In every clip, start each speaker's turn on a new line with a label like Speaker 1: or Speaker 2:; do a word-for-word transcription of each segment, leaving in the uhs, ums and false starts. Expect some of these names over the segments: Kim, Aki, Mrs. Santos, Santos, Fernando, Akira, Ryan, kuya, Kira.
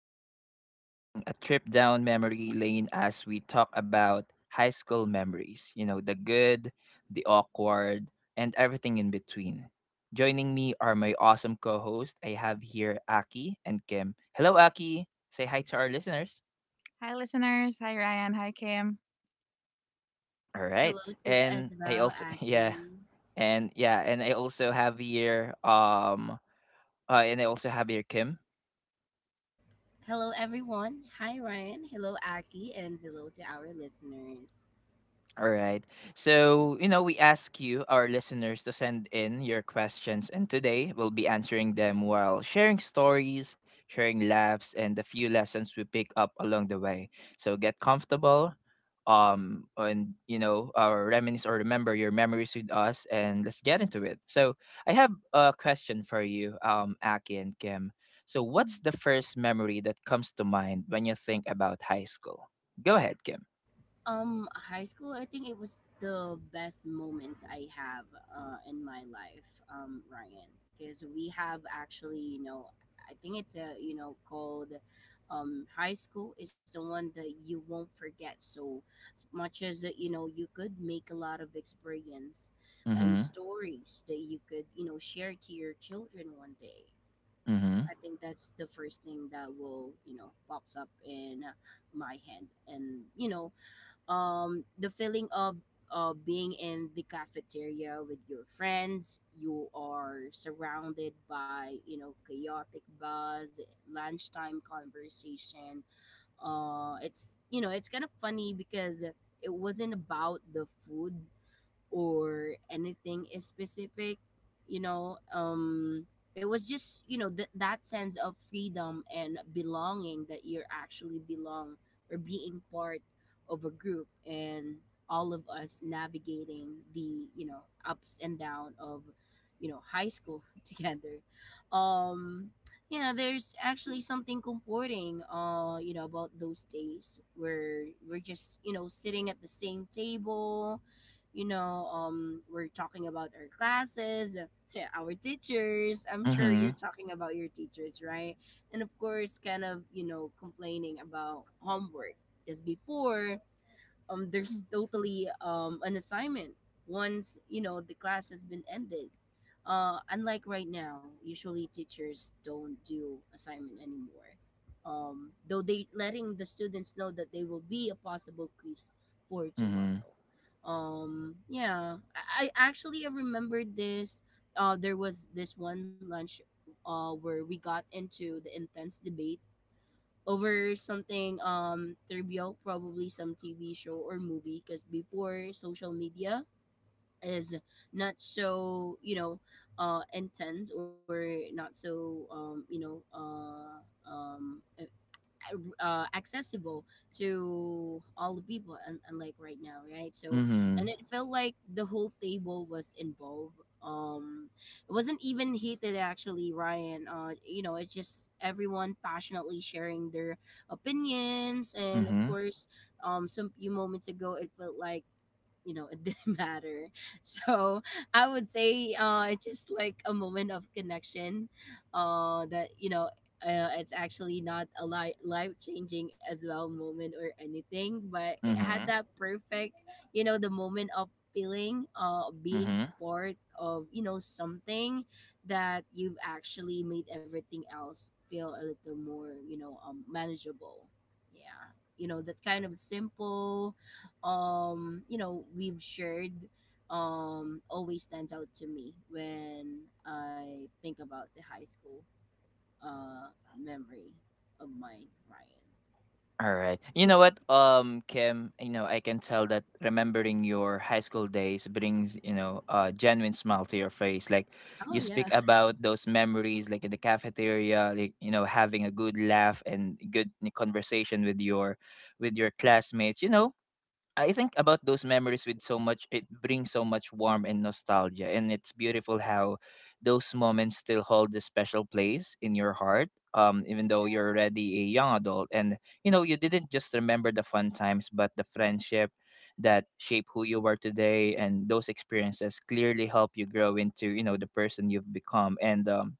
Speaker 1: today we're taking a trip down memory lane as we talk about high school memories. You know, the good, the awkward, and everything in between. Joining me are my awesome co hosts. I have here Aki and Kim. Hello, Aki. Say hi to our listeners.
Speaker 2: Hi, listeners. Hi, Ryan. Hi, Kim.
Speaker 1: All right.
Speaker 3: Hello to
Speaker 1: And
Speaker 3: as
Speaker 1: I
Speaker 3: well,
Speaker 1: also, yeah,
Speaker 3: Aki.
Speaker 1: and yeah, and I also have here, um, uh, and I also have here Kim.
Speaker 3: Hello, everyone. Hi, Ryan. Hello, Aki, and hello to our listeners.
Speaker 1: All right. So, you know, we ask you, our listeners, to send in your questions, and today we'll be answering them while sharing stories, sharing laughs, and the few lessons we pick up along the way. So get comfortable, um, and you know, or reminisce or remember your memories with us, and let's get into it. So, I have a question for you, um, Aki and Kim. So, what's
Speaker 2: Mhm.
Speaker 1: the
Speaker 3: Mm-hmm.
Speaker 1: first memory that comes to mind when you think about high school? Go ahead, Kim.
Speaker 3: Um, high school, I think it was the best moments I have uh, in my life, um, Ryan, because we have actually, you know, I think it's a, you know, called um, high school is the one that you won't forget. So, as much as, uh, you know, you could make a lot of experience and
Speaker 1: Mm-hmm.
Speaker 3: stories that you could, you know, share to your children one day. I think that's the first thing that will, you know, pops up in my head. And, you know, um the feeling of uh, being in the cafeteria with your friends, you are surrounded by, you know, chaotic buzz, lunchtime conversation. Uh it's, you know, it's kind of funny because it wasn't about the food or anything is specific, you know. Um it was just, you know, th- that sense of freedom and belonging that you're actually belong, or being part of a group, and all of us navigating the, you know, ups and down of, you know, high school together. um yeah, there's actually something comforting, uh you know, about those days where we're just, you know, sitting at the same table, you know. Um, we're talking about our classes, uh, yeah, our teachers. I'm sure you're
Speaker 1: Mhm,
Speaker 3: talking about your teachers, right? And of course, kind of, you know, complaining about homework. Because before, um, there's totally um, an assignment once, you know, the class has been ended. Uh, unlike right now, usually teachers don't do assignment anymore. Um, though they letting the students know that they will be a possible quiz for
Speaker 1: mhm,
Speaker 3: tomorrow. Um, yeah, I, I actually I remembered this. Uh, there was this one lunch, uh, where we got into the intense debate over something um trivial, probably some T V show or movie. Because before social media, is not so, you know, uh intense, or not so, um you know, uh um uh, uh, accessible to all the people, and unlike right now, right? So and
Speaker 1: mhm,
Speaker 3: it felt like the whole table was involved. um it wasn't even heated actually, Ryan, uh you know. It's just everyone passionately sharing their opinions, and of
Speaker 1: mhm,
Speaker 3: course, um some few moments ago it felt like, you know, it didn't matter. So I would say uh it's just like a moment of connection uh that, you know, uh, it's actually not a li- life changing as well moment or anything, but it had
Speaker 1: mhm,
Speaker 3: that perfect, you know, the moment of feeling uh being
Speaker 1: mhm.
Speaker 3: part of, you know, something that you've actually made everything else feel a little more, you know, um, manageable. Yeah, you know, that kind of simple, um you know, we've shared, um always stands out to me when I think about the high school uh memory of mine, Ryan.
Speaker 1: Alright. You know what, um, Kim, you know, I can tell that remembering your high school days brings, you know, a genuine smile to your face. Like you
Speaker 3: Oh yeah.
Speaker 1: speak about those memories like in the cafeteria, like, you know, having a good laugh and good conversation with your with your classmates. You know, I think about those memories with so much, it brings so much warmth and nostalgia, and it's beautiful how those moments still hold a special place in your heart, um even though
Speaker 3: Yeah,
Speaker 1: you're already a young adult. And you know you didn't just remember the fun times, but the friendship that shape who you are today, and those experiences clearly help you grow into you know the person you've become. And um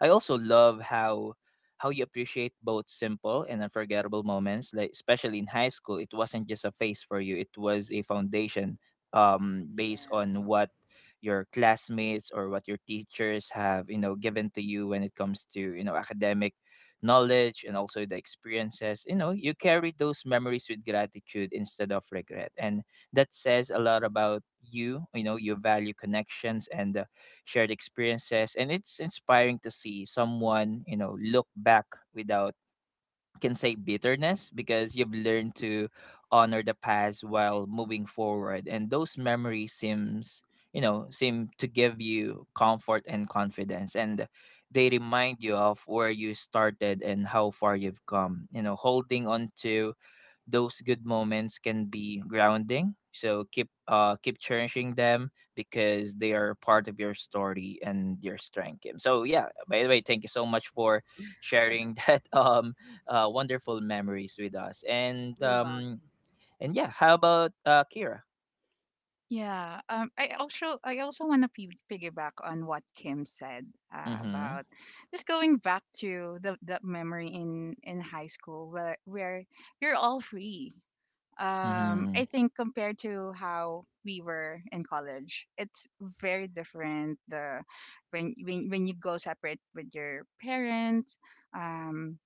Speaker 1: I also love how how you appreciate both simple and unforgettable moments. Like especially in high school, it wasn't just a phase for you; it was a foundation, um, based
Speaker 3: yeah.
Speaker 1: on what your classmates or what your teachers have you know given to you when it comes to you know academic knowledge and also the experiences. You know you carry those memories with gratitude instead of regret, and that says a lot about you. You know You value connections and shared experiences, and it's inspiring to see someone, you know, look back without, can say, bitterness, because you've learned to honor the past while moving forward, and those memories seems you know seem to give you comfort and confidence, and they remind you of where you started and how far you've come. You know holding on to those good moments can be grounding. So keep, uh keep cherishing them, because they are part of your story and your strength, Kim. So yeah, by the way, thank you so much for sharing that um uh, wonderful memories with us. And
Speaker 3: You're welcome.
Speaker 1: um and yeah, how about uh Kira?
Speaker 2: Yeah. Um. I also I also want to p- piggyback on what Kim said, uh,
Speaker 1: Mhm.
Speaker 2: about just going back to the that memory in in high school where where you're all free. Um. I
Speaker 1: Mhm.
Speaker 2: think compared to how we were in college, it's very different. The when when when you go separate with your parents, um,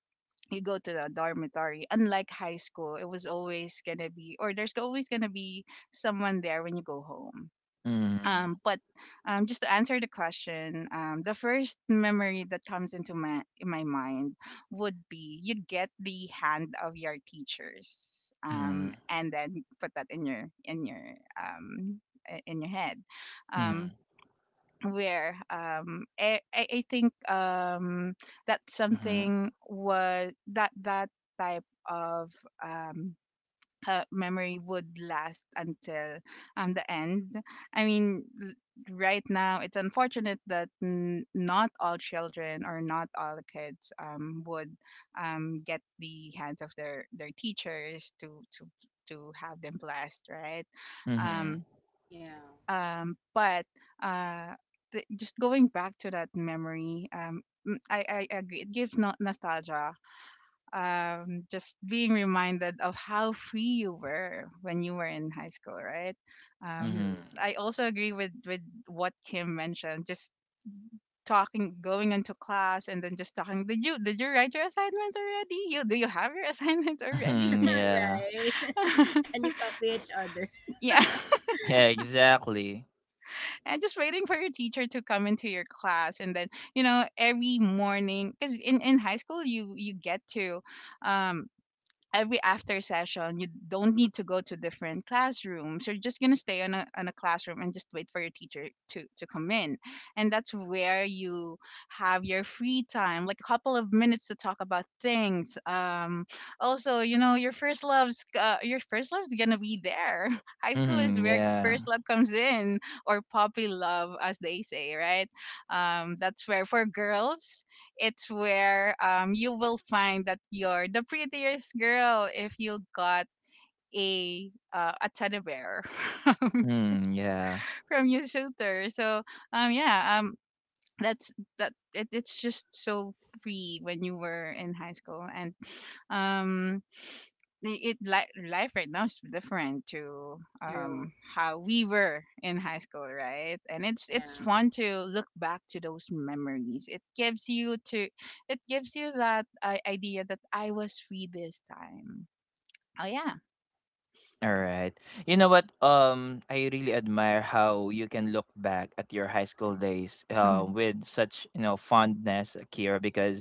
Speaker 2: you go to the dormitory, unlike high school. It was always gonna be, or there's always gonna be someone there when you go home,
Speaker 1: Mhm.
Speaker 2: um, but um, just to answer the question, um, the first memory that comes into my in my mind would be you get the hand of your teachers, um, and then put that in your in your um, i- in your head, um,
Speaker 1: Mhm.
Speaker 2: where um I, I I think, um that
Speaker 1: Mhm.
Speaker 2: something was that that type of, um uh, memory would last until, um the end. I mean, l- right now it's unfortunate that, n- not all children or not all kids um would um get the hands of their their teachers, to to to have them blessed, right.
Speaker 1: Mhm. Mhm.
Speaker 2: um
Speaker 3: Yeah.
Speaker 2: um, but, uh, the, just going back to that memory, um, mm, I, I agree. It gives no- nostalgia. Um, just being reminded of how free you were when you were in high school, right? Um,
Speaker 1: Mhm.
Speaker 3: True.
Speaker 2: I also agree with with what Kim mentioned. Just talking, going into class, and then just talking. Did you did you write your assignments already? You do you have your assignments already?
Speaker 1: Mhm. Yeah.
Speaker 3: Right. And you copy each other.
Speaker 2: Yeah.
Speaker 1: Yeah, exactly.
Speaker 2: And just waiting for your teacher to come into your class, and then, you know, every morning, because in in high school you you get to, um every after session, you don't need to go to different classrooms. You're just going to stay on a, on a classroom and just wait for your teacher to, to come in, and that's where you have your free time, like a couple of minutes to talk about things. Um, also, you know, your first love's uh, your first love's going to be there. High school is
Speaker 1: Mhm.
Speaker 2: where
Speaker 1: Yeah.
Speaker 2: first love comes in, or puppy love, as they say, right? Um, that's where, for girls, it's where, um you will find that you're the prettiest girl if you got a uh, a teddy bear
Speaker 1: Mm, yeah.
Speaker 2: from your suitor. So, um yeah. um that's that it, it's just so free when you were in high school. And um it like, life right now is different to,
Speaker 3: True.
Speaker 2: um how we were in high school, right? And it's it's
Speaker 3: Yeah.
Speaker 2: fun to look back to those memories. It gives you to it gives you that, uh, idea that I was free this time. Oh, yeah.
Speaker 1: All right. You know what? Um, I really admire how you can look back at your high school days
Speaker 2: Hmm.
Speaker 1: uh, with such, you know fondness, Kira, because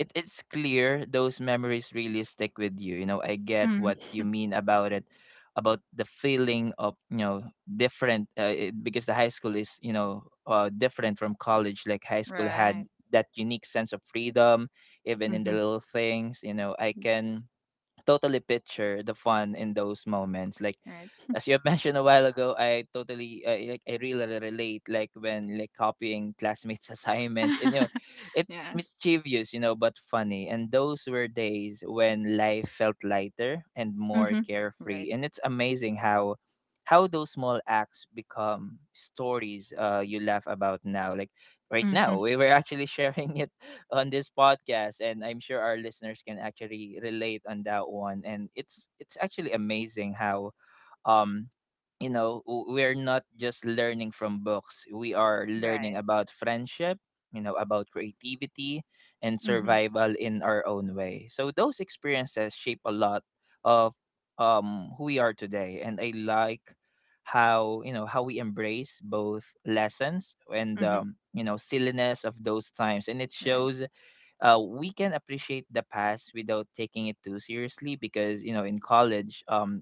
Speaker 1: it, it's clear those memories really stick with you. You know, I get
Speaker 2: Hmm.
Speaker 1: what you mean about it, about the feeling of, you know different, uh, it, because the high school is, you know uh, different from college. Like high school
Speaker 2: Right.
Speaker 1: had that unique sense of freedom, even in the
Speaker 2: Hmm.
Speaker 1: little things. You know, I can totally picture the fun in those moments, like
Speaker 2: Right.
Speaker 1: as you have mentioned a while ago. I totally uh, Like i really relate, like when, like, copying classmates assignments. And you know it's
Speaker 2: Yeah.
Speaker 1: mischievous, you know but funny, and those were days when life felt lighter and more
Speaker 2: Mm-hmm. Right.
Speaker 1: carefree, and it's amazing how how those small acts become stories uh you laugh about now. Like right now
Speaker 2: Hmm.
Speaker 1: we were actually sharing it on this podcast, and i'm sure our listeners can actually relate on that one. And it's it's actually amazing how, um you know w- we're not just learning from books, we are learning
Speaker 2: Right.
Speaker 1: about friendship, you know about creativity and
Speaker 2: Hmm.
Speaker 1: survival in our own way. So those experiences shape a lot of, um who we are today. And i like how you know how we embrace both lessons and,
Speaker 2: Hmm.
Speaker 1: um, you know silliness of those times, and it
Speaker 2: Right.
Speaker 1: shows uh, we can appreciate the past without taking it too seriously, because you know in college, um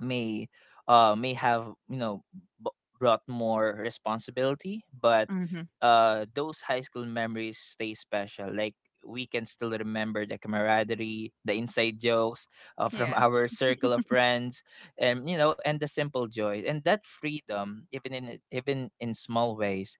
Speaker 1: may uh may have, you know b- brought more responsibility. But
Speaker 2: Hmm.
Speaker 1: uh those high school memories stay special. Like we can still remember the camaraderie, the inside jokes uh, from
Speaker 2: Yeah.
Speaker 1: our circle of friends. And you know and the simple joys and that freedom, even in even in small ways,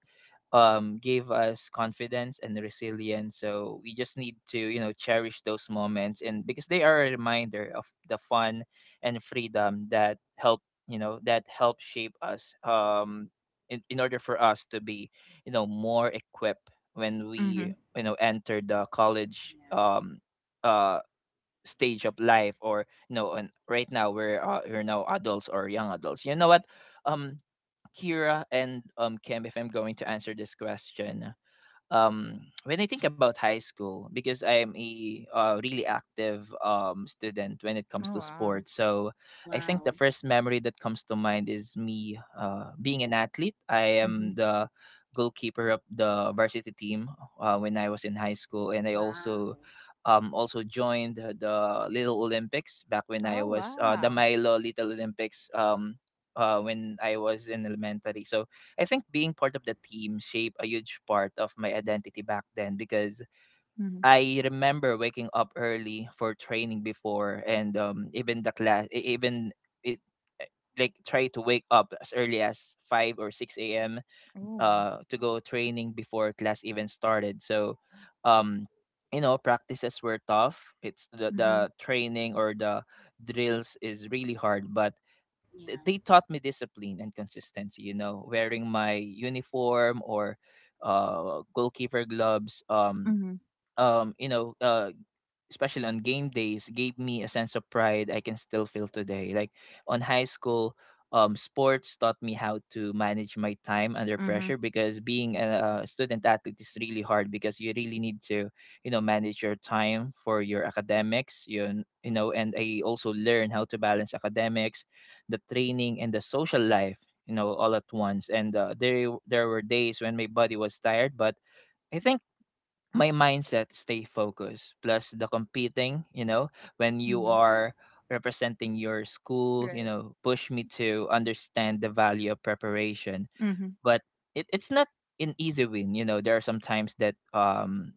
Speaker 1: um gave us confidence and resilience. So we just need to, you know cherish those moments, and because they are a reminder of the fun and freedom that help you know that help shape us, um in, in order for us to be, you know more equipped when
Speaker 2: Hmm.
Speaker 1: we, you know enter the college,
Speaker 3: Yeah.
Speaker 1: um uh stage of life. Or, you know and right now we're uh, we're now adults or young adults, you know what, um Kira and um Kim, if I'm going to answer this question, um, when I think about high school, because I'm a, uh, really active, um, student when it
Speaker 2: Oh,
Speaker 1: comes to
Speaker 2: wow.
Speaker 1: sports. So I think the
Speaker 3: Wow.
Speaker 1: first memory that comes to mind is me, uh, being an athlete. I
Speaker 2: Hmm.
Speaker 1: am the goalkeeper of the varsity team, uh, when I was in high school, and I
Speaker 3: Wow.
Speaker 1: also um, also joined the Little Olympics back when I
Speaker 2: Oh,
Speaker 1: was, uh, the
Speaker 2: wow.
Speaker 1: Milo Little Olympics, um, uh, when I was in elementary. So I think being part of the team shaped a huge part of my identity back then, because
Speaker 2: Hmm.
Speaker 1: I remember waking up early for training before. And um even the class e- even it eh, like try to wake up as early as five or six a m
Speaker 2: Oh.
Speaker 1: uh to go training before class even started. So um you know practices were tough. It's the
Speaker 2: Mhm,
Speaker 1: the training, or the drills is really hard, but th-
Speaker 3: Yeah.
Speaker 1: they taught me discipline and consistency. You know, wearing my uniform or uh goalkeeper gloves, um
Speaker 2: mhm,
Speaker 1: um you know uh especially on game days, gave me a sense of pride I can still feel today. Like on high school, um, sports taught me how to manage my time under
Speaker 2: mhm,
Speaker 1: pressure, because being a, a student athlete is really hard, because you really need to, you know, manage your time for your academics. You, you know, and I also learned how to balance academics, the training, and the social life, you know, all at once. And uh, there there were days when my body was tired, but I think my mindset stay focused, plus the competing, you know, when you
Speaker 2: mhm,
Speaker 3: Yeah.
Speaker 1: are representing your school, you
Speaker 2: right.
Speaker 1: know, push me to understand the value of preparation.
Speaker 2: Mhm,
Speaker 1: But it, it's not an easy win. You know, there are some times that, um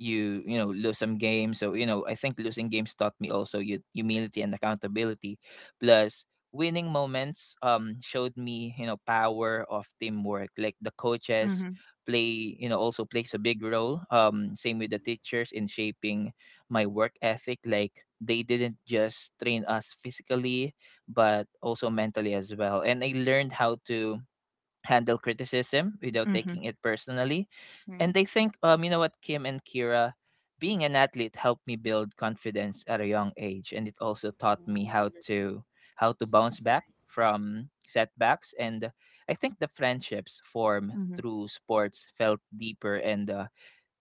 Speaker 1: you, you know, lose some games. So you know, I think losing games taught me also you humility and accountability, plus winning moments, um showed me, you know, power of teamwork. Like the coaches
Speaker 2: mhm,
Speaker 1: play you know also plays a big role, um same with the
Speaker 3: Hmm.
Speaker 1: teachers, in shaping my work ethic. Like they didn't just train us physically, but also mentally as well, and I learned how to handle criticism without
Speaker 2: mhm,
Speaker 1: taking it personally. And
Speaker 2: right.
Speaker 1: I think, um, you know what, Kim and Kira, being an athlete helped me build confidence at a young age, and it also taught me
Speaker 3: Oh,
Speaker 1: how
Speaker 3: that's
Speaker 1: to, how to
Speaker 3: that's
Speaker 1: bounce
Speaker 3: that's
Speaker 1: back
Speaker 3: nice.
Speaker 1: from setbacks. And I think the friendships formed
Speaker 2: Mhm,
Speaker 1: through sports felt deeper and, uh,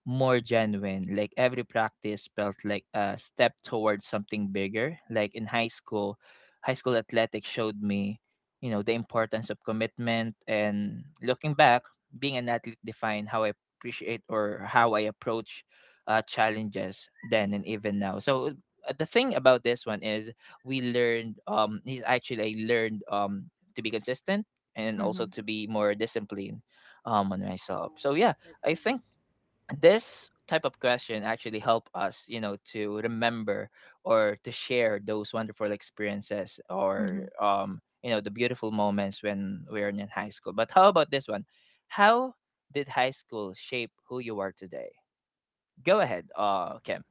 Speaker 1: more genuine. Like every practice felt like a step towards something bigger. Like in high school, high school athletics showed me, you know, the importance of commitment. And looking back, being an athlete defined how I appreciate, or how I approach, uh, challenges then and even now. So uh, the thing about this one is, we learned um is actually I learned, um to be consistent and also
Speaker 2: mhm,
Speaker 1: to be more disciplined, um on myself. So
Speaker 3: Oh,
Speaker 1: yeah,
Speaker 3: that's
Speaker 1: I think
Speaker 3: nice.
Speaker 1: this type of question actually help us, you know to remember or to share those wonderful experiences, or,
Speaker 2: mhm,
Speaker 1: um you know the beautiful moments when we are in high school. But how about this one, how did high school shape who you are today? Go ahead, uh Kim.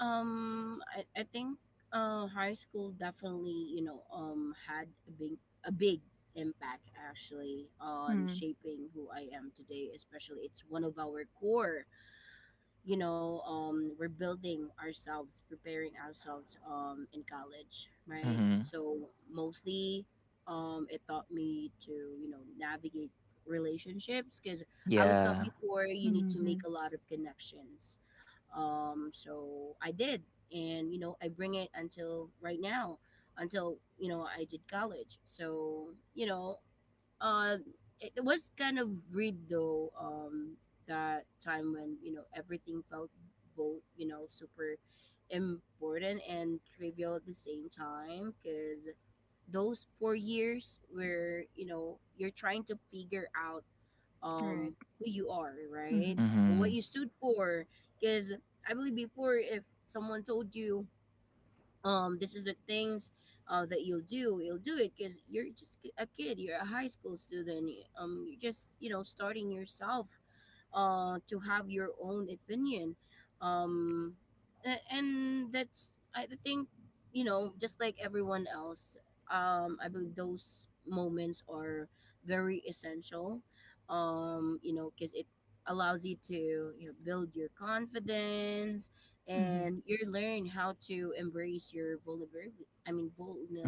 Speaker 3: Um, I, I think uh, high school definitely, you know, um, had a big a big impact actually on
Speaker 2: mhm,
Speaker 3: shaping who I am today. Especially, it's one of our core, you know. Um we're building ourselves, preparing ourselves um in college, right?
Speaker 1: Mm-hmm.
Speaker 3: So mostly, um it taught me to, you know, navigate relationships because I was taught
Speaker 1: Yeah.
Speaker 3: before, you need to make
Speaker 2: mhm,
Speaker 3: a lot of connections. Um so I did, and you know, I bring it until right now, until you know, I did college. So you know, uh, it was kind of weird though. Um, that time when, you know, everything felt both, you know, super important and trivial at the same time, because those four years where, you know, you're trying to figure out
Speaker 2: right.
Speaker 3: um who you are, right?
Speaker 2: Mhm,
Speaker 3: And what
Speaker 1: Mm-hmm.
Speaker 3: you stood for, because I believe before, if someone told you, um this is the things, uh, that you'll do, you'll do it because you're just a kid, you're a high school student. Um you're just, you know, starting yourself uh to have your own opinion. um a- and that's, I think, you know, just like everyone else. um I believe those moments are very essential. Um you know, because it allows you to, you know, build your confidence,
Speaker 2: mhm,
Speaker 3: and you learn how to embrace your vulnerability, I mean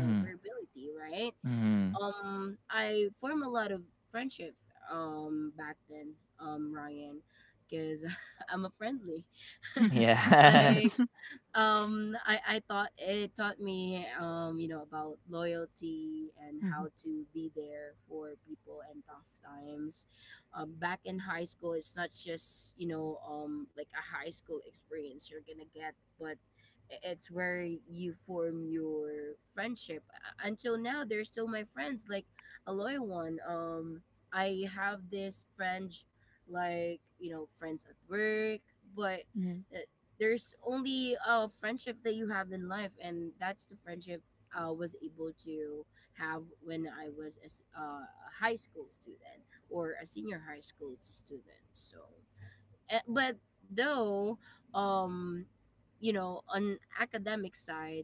Speaker 1: Mm-hmm.
Speaker 3: right?
Speaker 1: Mm-hmm.
Speaker 3: um I form a lot of friendship um back then, um Ryan, because I'm a friendly like.
Speaker 1: Yes.
Speaker 3: um I I thought it taught me, um you know, about loyalty and
Speaker 2: mhm,
Speaker 3: how to be there for people in tough times. Um, back in high school, it's not just, you know, um like a high school experience you're gonna get, but I- It's where you form your friendship. Uh, Until now, they're still my friends, like a loyal one. Um, I have this friends, like, you know, friends at work, but
Speaker 2: mhm,
Speaker 3: uh, there's only a friendship that you have in life, and that's the friendship I was able to have when I was a s- uh, a high school student or a senior high school student. So Eh, but though, um you know, on academic side,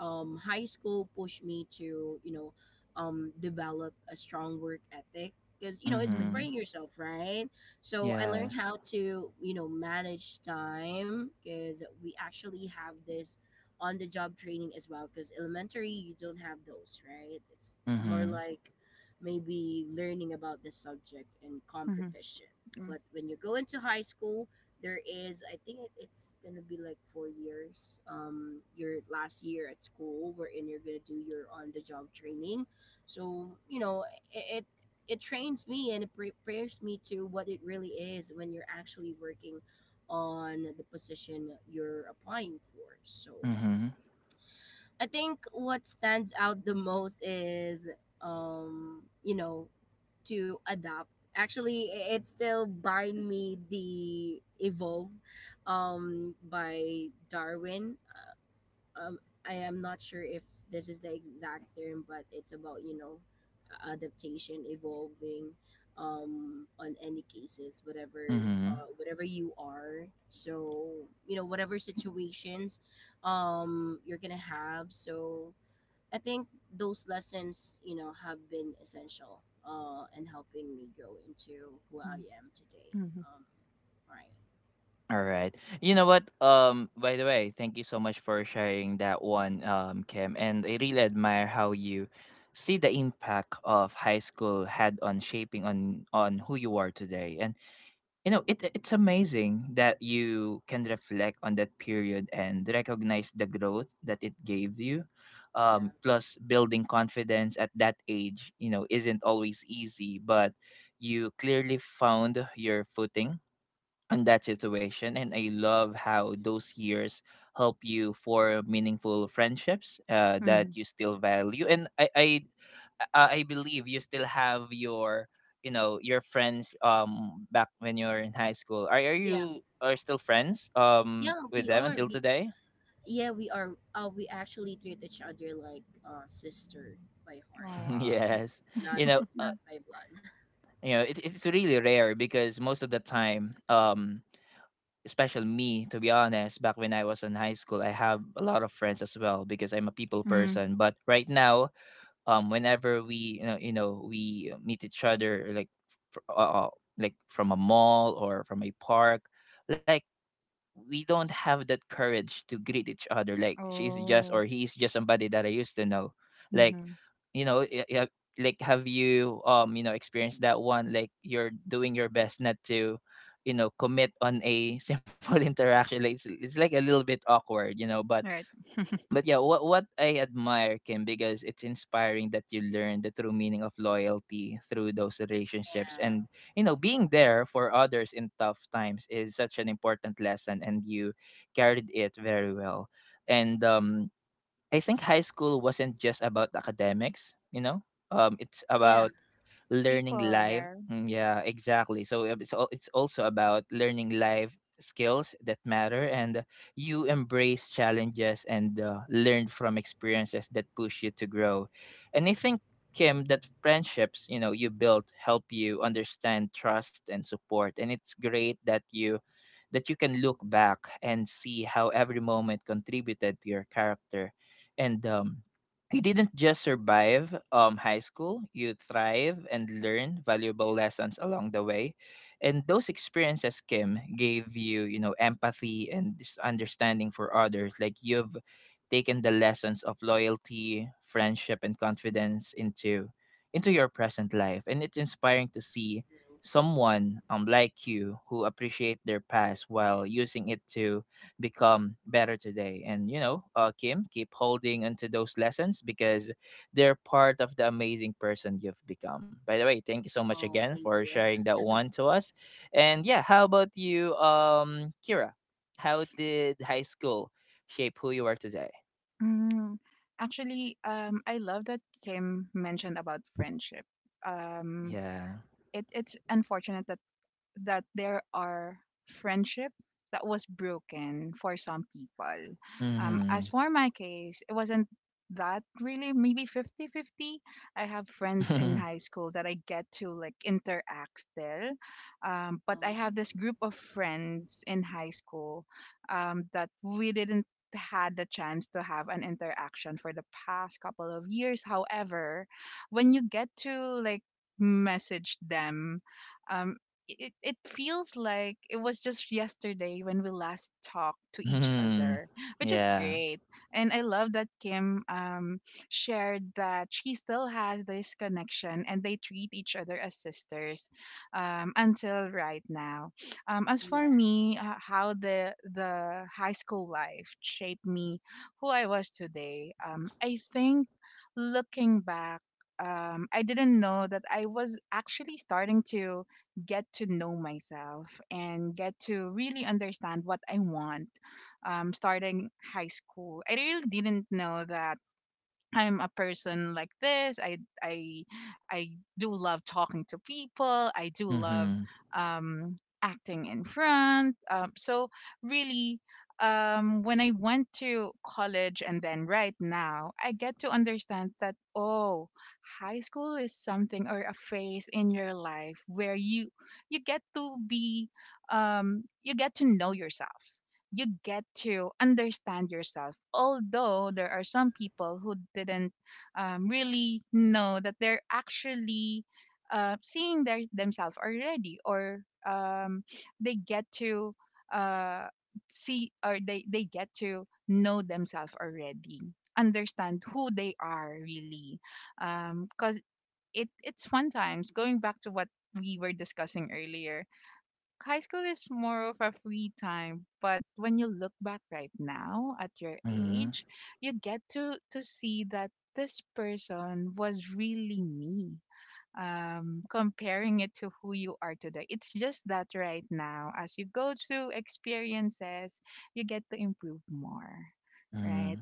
Speaker 3: um high school pushed me to, you know, um develop a strong work ethic because, you know, it's
Speaker 1: Mm-hmm.
Speaker 2: mhm,
Speaker 3: preparing yourself, right? So I learned
Speaker 1: Yes.
Speaker 3: how to, you know, manage time because we actually have this on the job training as well, because elementary you don't have those, right? It's more
Speaker 1: Mm-hmm.
Speaker 3: like maybe learning about the subject and
Speaker 2: mhm,
Speaker 3: competition. But when you go into high school, there is, I think it, it's gonna be like four years. Um, your last year at school, wherein you're gonna do your on the job training. So you know it. it it trains me, and it prepares me to what it really is when you're actually working on the position you're applying for. So
Speaker 1: Mm-hmm.
Speaker 3: I think what stands out the most is, um, you know, to adopt. Actually, i- it's still by me the evolve, um, by Darwin. Um, I am not sure if this is the exact term, but it's about, you know, a- adaptation, evolving, um, on any cases, whatever,
Speaker 1: Mm-hmm.
Speaker 3: uh, whatever you are. So you know, whatever situations, um, you're gonna have. So I think those lessons, you know, have been essential uh, in helping me grow into who I
Speaker 2: mhm,
Speaker 3: am today.
Speaker 2: mhm,
Speaker 3: Um, right.
Speaker 1: All right. You know what? Um, by the way, thank you so much for sharing that one, um, Kim. And I really admire how you see the impact of high school had on shaping, on on who you are today. And you know, it it's amazing that you can reflect on that period and recognize the growth that it gave you. Um,
Speaker 3: Yeah.
Speaker 1: plus, building confidence at that age, you know, isn't always easy, but you clearly found your footing in that situation. And I love how those years help you for meaningful friendships, uh, that
Speaker 2: mhm.
Speaker 1: you still value. And i i uh, I believe you still have your you know your friends um back when you were in high school are, are
Speaker 3: Yeah.
Speaker 1: you are still friends um
Speaker 3: Yeah,
Speaker 1: with
Speaker 3: we
Speaker 1: them
Speaker 3: are.
Speaker 1: until
Speaker 3: We
Speaker 1: today.
Speaker 3: Yeah, we are. Uh, we actually treat each other like uh, sister by
Speaker 2: Oh,
Speaker 3: heart,
Speaker 2: wow.
Speaker 1: Yes.
Speaker 3: not
Speaker 1: you know
Speaker 3: eh,
Speaker 1: uh,
Speaker 3: not by blood.
Speaker 1: you know it, it's really rare because most of the time, um especially me, to be honest, back when I was in high school, I have a lot of friends as well because I'm a people
Speaker 2: Mm,
Speaker 1: person. But right now, um whenever we, you know, you know we meet each other, like fr- uh, uh, like from a mall or from a park, like we don't have that courage to greet each other, like she's just
Speaker 2: oh,
Speaker 1: or he is just somebody that I used to know. Like,
Speaker 2: mhm,
Speaker 1: you know y- y- like have you um you know experienced that one, like you're doing your best not to you know commit on a simple interaction, like it's, it's like a little bit awkward, you know but
Speaker 2: right.
Speaker 1: but yeah, what what I admire, Kim, because it's inspiring that you learn the true meaning of loyalty through those relationships.
Speaker 3: Yeah.
Speaker 1: And you know, being there for others in tough times is such an important lesson, and you carried it very well. And um, I think high school wasn't just about academics, you know. Um, it's
Speaker 3: Yeah.
Speaker 1: about learning
Speaker 2: People
Speaker 1: life.
Speaker 2: there.
Speaker 1: Mm, yeah, exactly. So, uh, it's al- it's also about learning life skills that matter, and uh, you embrace challenges and uh, learn from experiences that push you to grow. And I think, Kim, that friendships you know you built help you understand trust and support, and it's great that you that you can look back and see how every moment contributed to your character. And um, you didn't just survive um, high school, you thrive and learn valuable lessons along the way. And those experiences, Kim, gave you, you know, empathy and this understanding for others. Like you've taken the lessons of loyalty, friendship, and confidence into into your present life. And it's inspiring to see
Speaker 3: True.
Speaker 1: someone um like you who appreciate their past while using it to become better today. And you know, uh, Kim, keep holding onto those lessons because they're part of the amazing person you've become. By the way, thank you so much
Speaker 3: Oh,
Speaker 1: again
Speaker 3: thank
Speaker 1: for
Speaker 3: you.
Speaker 1: sharing that one to us. And yeah, how about you, um, Kira? How did high school shape who you are today?
Speaker 2: Mm, actually, um, I love that Kim mentioned about friendship. Um,
Speaker 1: Yeah.
Speaker 2: it, it's unfortunate that that there are friendship that was broken for some people. Um, as
Speaker 1: Mm-hmm.
Speaker 2: for my case, it wasn't that really, maybe fifty-fifty. I have friends in high school that I get to, like, interact still, um, but
Speaker 3: Oh,
Speaker 2: I have this group of friends in high school, um, that we didn't had the chance to have an interaction for the past couple of years. However, when you get to, like, message them, um, it, it feels like it was just yesterday when we last talked to each
Speaker 1: Mm-hmm.
Speaker 2: other, which is
Speaker 1: Yeah.
Speaker 2: great. And I love that Kim, um, shared that she still has this connection, and they treat each other as sisters, um, until right now. Um, as for
Speaker 3: yeah.
Speaker 2: me, uh, how the the high school life shaped me, who I was today, um, I think, looking back. Um, I didn't know that I was actually starting to get to know myself, and get to really understand what I want, um, starting high school. I really didn't know that I'm a person like this. I I I do love talking to people. I do love,
Speaker 1: Mm-hmm.
Speaker 2: um, acting in front. Um, so, really, um, when I went to college and then right now, I get to understand that, oh, high school is something, or a phase in your life where you you get to be, um, you get to know yourself, you get to understand yourself. Although there are some people who didn't, um, really know that they're actually, uh, seeing their, themselves already, or, um, they get to, uh, see, or they, they get to know themselves already, understand who they are really. Because it, it's fun times, going back to what we were discussing earlier. High school is more of a free time, but when you look back right now at your
Speaker 1: Mm-hmm.
Speaker 2: age, you get to to see that this person was really me, um, comparing it to who you are today. It's just that right now, as you go through experiences, you get to improve more,
Speaker 1: Mm-hmm.
Speaker 2: right?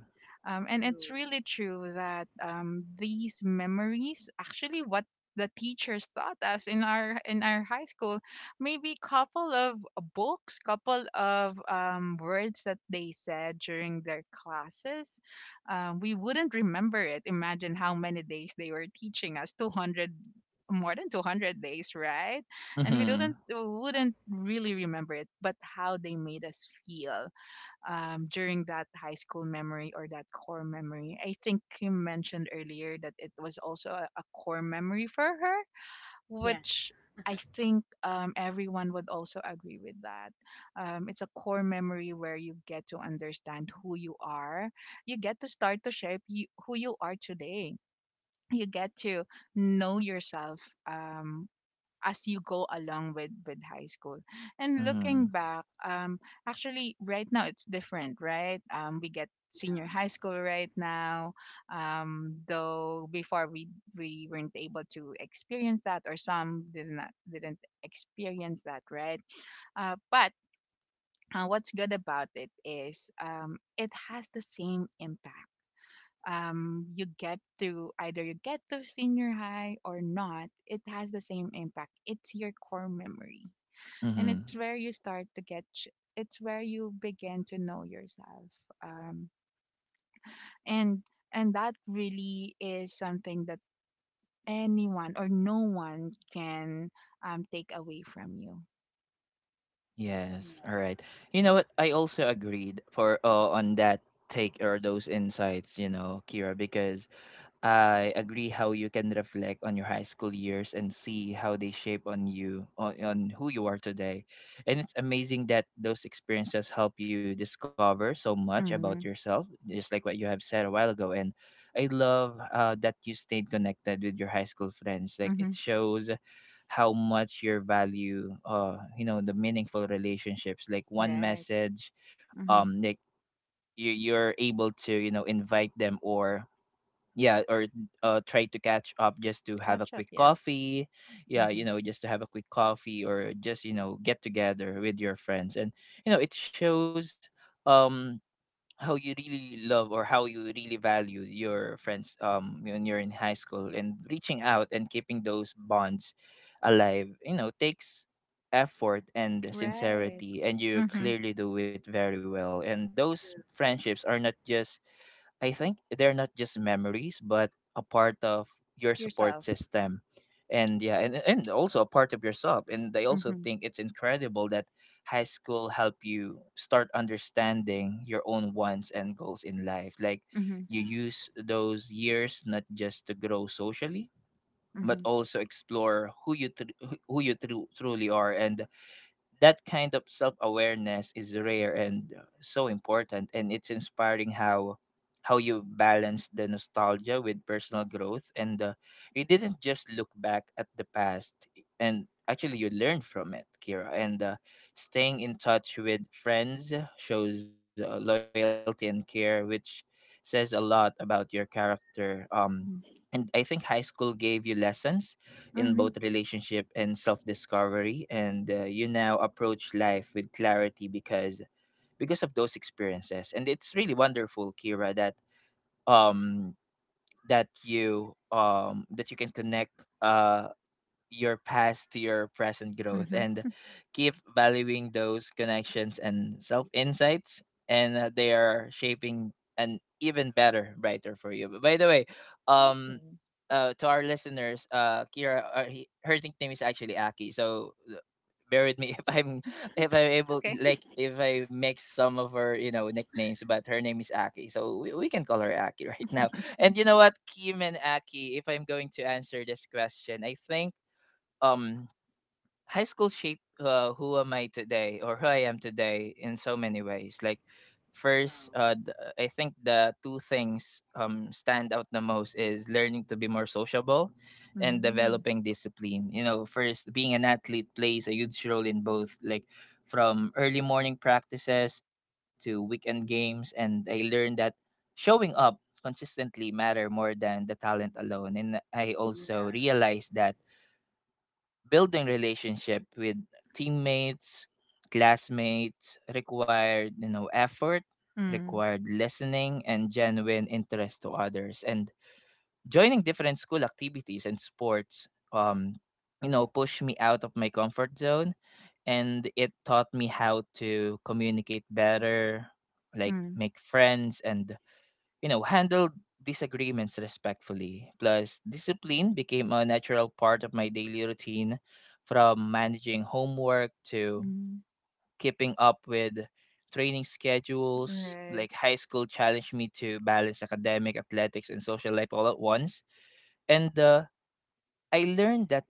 Speaker 2: Um, and
Speaker 3: True.
Speaker 2: it's really true that, um, these memories, actually, what the teachers taught us in our in our high school, maybe couple of books, couple of, um, words that they said during their classes, um, we wouldn't remember it. Imagine how many days they were teaching us: two hundred, more than two hundred days, right? And we
Speaker 1: Mm-hmm.
Speaker 2: didn't
Speaker 3: Wow.
Speaker 2: wouldn't really remember it, but how they made us feel, um, during that high school memory, or that core memory. I think you mentioned earlier that it was also a, a core memory for her,
Speaker 3: Yes.
Speaker 2: which I think, um, everyone would also agree with that. Um, it's a core memory where you get to understand who you are. You get to start to shape you, who you are today. You get to know yourself, um, as you go along with with high school. And looking back, um actually, right now it's different, right? Um we get senior high school right now, um though before, we we weren't able to experience that, or some did not didn't experience that, right. Uh, but, uh, what's good about it is, um, it has the same impact, um, you get to either you get to senior high or not, it has the same impact. It's your core memory, and
Speaker 1: Mm-hmm.
Speaker 2: it's where you start to get. ch- It's where you begin to know yourself, um, and and that really is something that anyone or no one can, um, take away from you.
Speaker 3: Yeah.
Speaker 1: Yes, all right. You know what? I also agreed for, uh, on that take or those insights, you know, Kira, because I agree how you can reflect on your high school years and see how they shape on you on, on who you are today. And it's amazing that those experiences help you discover so much about
Speaker 2: Mm-hmm.
Speaker 1: yourself, just like what you have said a while ago. And I love, uh, that you stayed connected with your high school friends. Like it
Speaker 2: Mm-hmm.
Speaker 1: shows how much you value, uh you know the meaningful relationships. Like one
Speaker 2: Right.
Speaker 1: message,
Speaker 2: Mm-hmm.
Speaker 1: um like you, you're able to you know invite them, or yeah, or uh, try to catch up just to have a
Speaker 2: Catch up.
Speaker 1: quick
Speaker 2: Yeah.
Speaker 1: coffee. Yeah,
Speaker 2: Mm-hmm.
Speaker 1: you know just to have a quick coffee or just you know get together with your friends. And you know it shows, um how you really love or how you really value your friends um when you're in high school. And reaching out and keeping those bonds alive, you know takes effort and
Speaker 2: Right.
Speaker 1: sincerity, and you
Speaker 2: Mm-hmm.
Speaker 1: clearly do it very well. And those
Speaker 3: True.
Speaker 1: friendships are not just, I think they're not just memories, but a part of your support
Speaker 2: Yourself.
Speaker 1: system. And yeah, and, and also a part of yourself. And I also
Speaker 2: Mm-hmm.
Speaker 1: think it's incredible that high school help you start understanding your own wants and goals in life. Like
Speaker 2: Mm-hmm.
Speaker 1: you
Speaker 3: Yeah.
Speaker 1: use those years not just to grow socially, but
Speaker 2: Mm-hmm.
Speaker 1: also explore who you tr- who who you tru- truly are. And that kind of self-awareness is rare and, uh, so important. And it's inspiring how how you balance the nostalgia with personal growth. And uh, you didn't just look back at the past, and actually you learned from it, Kira. And uh, staying in touch with friends shows, uh, loyalty and care, which says a lot about your character. Um and I think high school gave you lessons in both
Speaker 2: Mm-hmm.
Speaker 1: relationship and self-discovery. And uh, you now approach life with clarity because because of those experiences. And it's really wonderful, Kira, that um that you, um that you can connect, uh your past to your present growth,
Speaker 2: Mhm.
Speaker 1: and keep valuing those connections and self insights. And uh, they are shaping an even better brighter for you. But by the way,
Speaker 2: Thank
Speaker 1: um
Speaker 2: you.
Speaker 1: uh, to our listeners, uh Kira, uh, he, her nickname is actually Aki, so, uh, bear with me if I'm if I'm
Speaker 2: It's
Speaker 1: able, like
Speaker 2: okay.
Speaker 1: if I mix some of her you know nicknames, but her name is Aki, so we, we can call her Aki right now. And you know what, Kim and Aki, if I'm going to answer this question, I think, um high school shaped, uh, who am I today or who I am today in so many ways. Like first,
Speaker 3: Wow.
Speaker 1: uh, th- I think the two things um stand out the most is learning to be more sociable and
Speaker 2: Mm.
Speaker 1: developing discipline. You know, first, being an athlete plays a huge role in both. Like from early morning practices to weekend games, and I learned that showing up consistently matter more than the talent alone. And I
Speaker 3: Yeah.
Speaker 1: also realized that building relationship with teammates, classmates required, you know, effort,
Speaker 2: Mm.
Speaker 1: required listening and genuine interest to others. And joining different school activities and sports, um you know, pushed me out of my comfort zone, and it taught me how to communicate better, like
Speaker 2: Mm.
Speaker 1: make friends and, you know, handled disagreements respectfully. Plus, discipline became a natural part of my daily routine, from managing homework to
Speaker 2: Mm.
Speaker 1: keeping up with training schedules.
Speaker 2: Right.
Speaker 1: Like, high school challenged me to balance academic, athletics, and social life all at once. And, uh, I learned that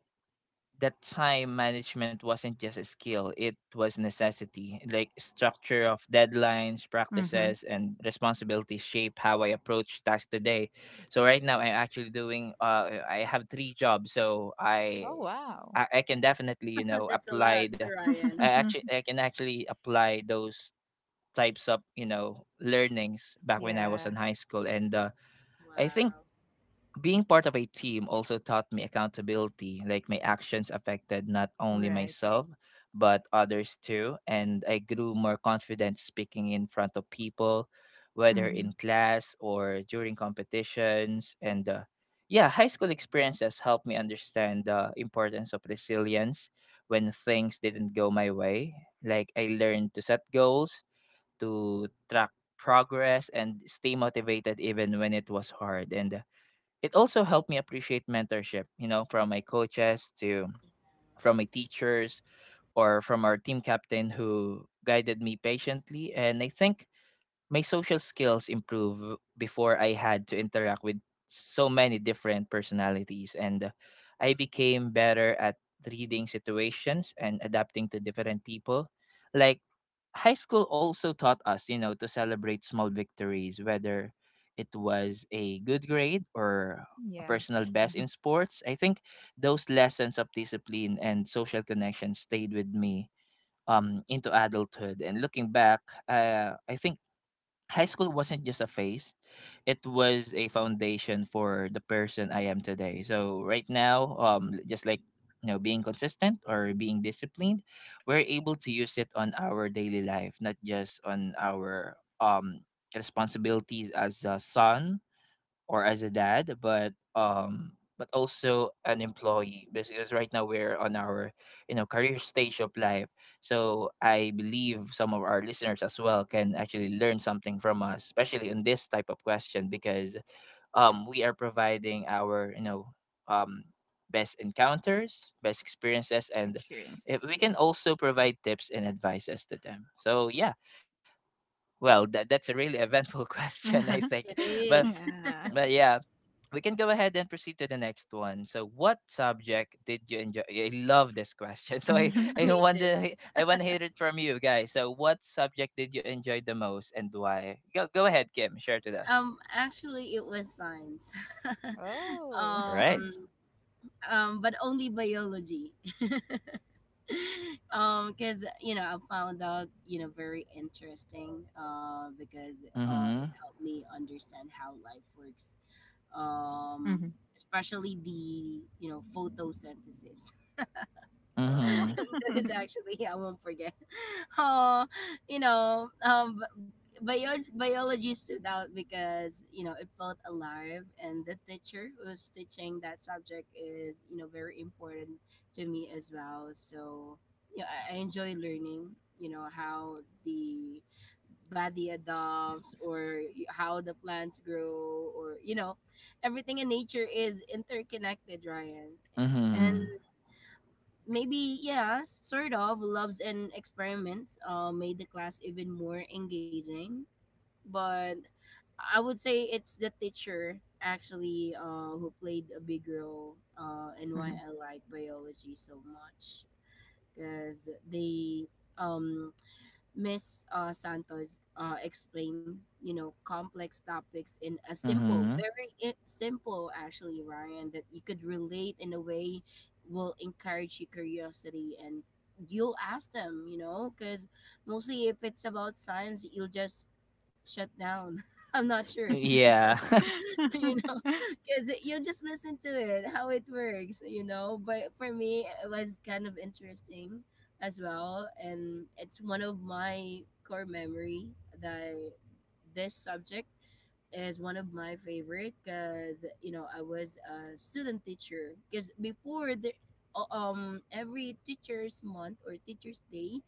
Speaker 1: that time management wasn't just a skill, it was necessity. Like structure of deadlines,
Speaker 2: Mhm.
Speaker 1: practices, and responsibilities shape how I approach tasks today. So right now
Speaker 3: Yeah.
Speaker 1: I'm actually doing, uh I have three jobs, so I
Speaker 2: Oh, wow.
Speaker 1: I, I can definitely, you know,
Speaker 3: That's a lot,
Speaker 1: apply the
Speaker 3: Ryan.
Speaker 1: I actually I can actually apply those types of, you know, learnings back when I was
Speaker 2: Yeah.
Speaker 1: in high school. And, uh I think
Speaker 3: Wow.
Speaker 1: being part of a team also taught me accountability, like my actions affected not only
Speaker 2: Right.
Speaker 1: myself but others too. And I grew more confident speaking in front of people, whether in
Speaker 2: Mhm.
Speaker 1: class or during competitions. And, uh, yeah, high school experiences helped me understand the importance of resilience when things didn't go my way. Like I learned to set goals, to track progress and stay motivated even when it was hard. And, uh, it also helped me appreciate mentorship, you know, from my coaches to from my teachers or from our team captain who guided me patiently. And I think my social skills improved before I had to interact with so many different personalities, and I became better at reading situations and adapting to different people. Like high school also taught us, you know, to celebrate small victories, whether it was a good grade or a
Speaker 2: Yeah.
Speaker 1: personal best in sports. I think those lessons of discipline and social connection stayed with me um into adulthood. And looking back, uh, I think high school wasn't just a phase, it was a foundation for the person I am today. So right now, um just like, you know, being consistent or being disciplined, we're able to use it on our daily life, not just on our, um responsibilities as a son or as a dad, but, um but also an employee, because right now we're on our, you know, career stage of life. So I believe some of our listeners as well can actually learn something from us, especially in this type of question, because, um we are providing our, you know, um best encounters, best experiences, and if
Speaker 2: Experiences.
Speaker 1: we can also provide tips and advices to them. So yeah, well that, that's a really eventful question,
Speaker 2: Yeah.
Speaker 1: I think.
Speaker 3: It
Speaker 1: But
Speaker 3: is.
Speaker 2: Yeah.
Speaker 1: but yeah, we can go ahead and proceed to the next one. So, what subject did you enjoy? I love this question. So, I,
Speaker 2: Mhm.
Speaker 1: I
Speaker 3: Me
Speaker 1: want
Speaker 3: too.
Speaker 1: to I want to hear it from you guys. So, what subject did you enjoy the most and why? Go go ahead, Kim. Share it with us.
Speaker 3: Um, actually, it was science.
Speaker 2: Oh.
Speaker 1: All right.
Speaker 3: um, um, but only biology. Um, because, you know, I found out, you know, very interesting. Uh,
Speaker 1: Mhm.
Speaker 3: because uh, it helped me understand how life works. Um,
Speaker 2: Mhm.
Speaker 3: Especially the, you know, photosynthesis.
Speaker 1: Mhm.
Speaker 2: Oh.
Speaker 3: That is actually, yeah, I won't forget. Oh, you know, um, bi- bio- biology stood out because you know it felt alive, and the teacher who was teaching that subject is, you know, very important to me as well. So you know, I, I enjoy learning. You know how the body adopts, or y- how the plants grow, or you know everything in nature is interconnected, Ryan.
Speaker 2: Mhm.
Speaker 1: Mhm.
Speaker 3: Maybe yes, sort of loves and experiments uh, made the class even more engaging. But I would say it's the teacher actually, uh, who played a big role uh, in why
Speaker 2: Mhm.
Speaker 3: I like biology so much. Because they um Miss uh, Santos uh, explained, you know, complex topics in a simple,
Speaker 1: Mhm.
Speaker 3: very i- simple, actually, Ryan, that you could relate in a way, will encourage your curiosity, and you'll ask them, you know, because mostly if it's about science, you'll just shut down. I'm not sure.
Speaker 1: Yeah.
Speaker 3: You know, because you just listen to it, how it works, you know. But for me, it was kind of interesting as well, and it's one of my core memory that this subject is one of my favorite, because you know I was a student teacher. Because before the uh, um every teachers month or teachers day,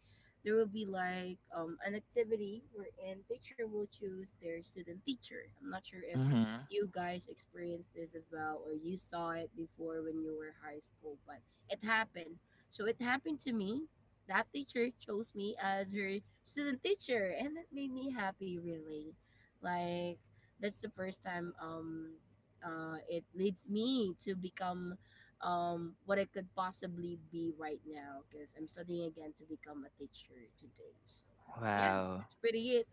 Speaker 3: there will be like um an activity wherein teacher will choose their student teacher. I'm not sure if
Speaker 1: mhm.
Speaker 3: you guys experienced this as well, or you saw it before when you were high school. But it happened, so it happened to me that teacher chose me as her student teacher, and that made me happy really. Like, that's the first time, um uh it leads me to become um what I could possibly be right now because I'm studying again to become a teacher today. So yeah,
Speaker 1: Wow.
Speaker 3: that's pretty it.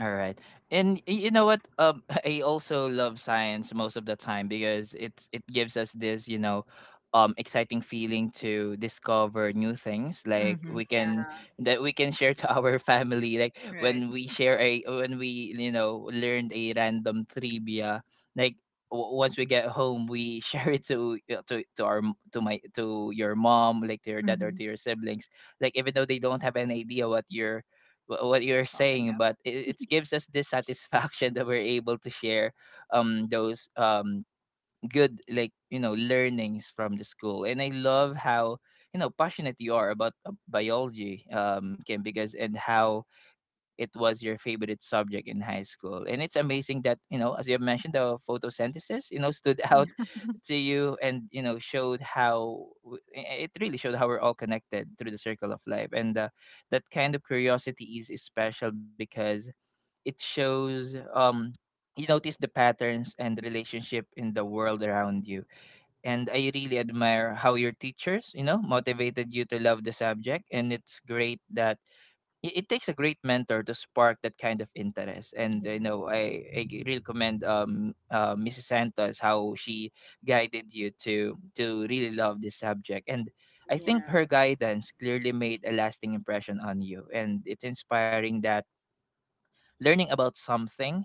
Speaker 1: All right. And y- you know what? Um, I also love science most of the time because it's it gives us this, you know, um exciting feeling to discover new things. Like
Speaker 2: Mhm.
Speaker 1: we can
Speaker 3: Yeah,
Speaker 1: that we can share to our family. Like
Speaker 2: Right.
Speaker 1: when we share a when we, you know, learned a random trivia, like w- once we get home we share it to uh, to to our m- to my to your mom, like to your dad or
Speaker 2: Mhm.
Speaker 1: to your siblings, like even though they don't have any idea what you're wh- what you're
Speaker 2: Talking
Speaker 1: saying. But
Speaker 2: about.
Speaker 1: it, it gives us this satisfaction that we're able to share um those um good, like, you know, learnings from the school. And I love how, you know, passionate you are about uh, biology, um, Kim, because, and how it was your favorite subject in high school. And it's amazing that, you know, as you have mentioned, the photosynthesis, you know, stood out to you. And, you know, showed how w- i- it really showed how we're all connected through the circle of life. And uh, that kind of curiosity is is special because it shows, um, you notice the patterns and relationship in the world around you. And I really admire how your teachers, you know, motivated you to love the subject. And it's great that it, it takes a great mentor to spark that kind of interest. And, you
Speaker 2: Yeah.
Speaker 1: know, i, I g- really commend, um uh, Mrs. Santos, how she guided you to to really love this subject. And I think
Speaker 3: yeah,
Speaker 1: her guidance clearly made a lasting impression on you. And it's inspiring that learning about something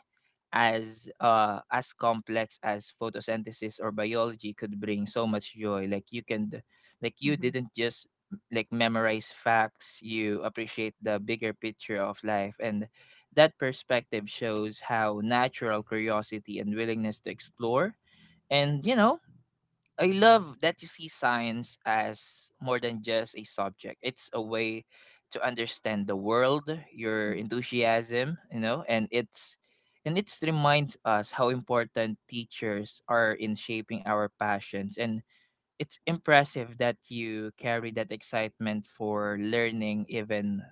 Speaker 1: as uh as complex as photosynthesis or biology could bring so much joy. Like you can d- like you
Speaker 2: Mhm.
Speaker 1: didn't just, like, memorize facts. You appreciate the bigger picture of life. And that perspective shows how natural curiosity and willingness to explore. And, you know, I love that you see science as more than just a subject. It's a way to understand the world, your
Speaker 2: Mhm.
Speaker 1: enthusiasm, you know, and it's and it's reminds us how important teachers are in shaping our passions. And it's impressive that you carry that excitement for learning even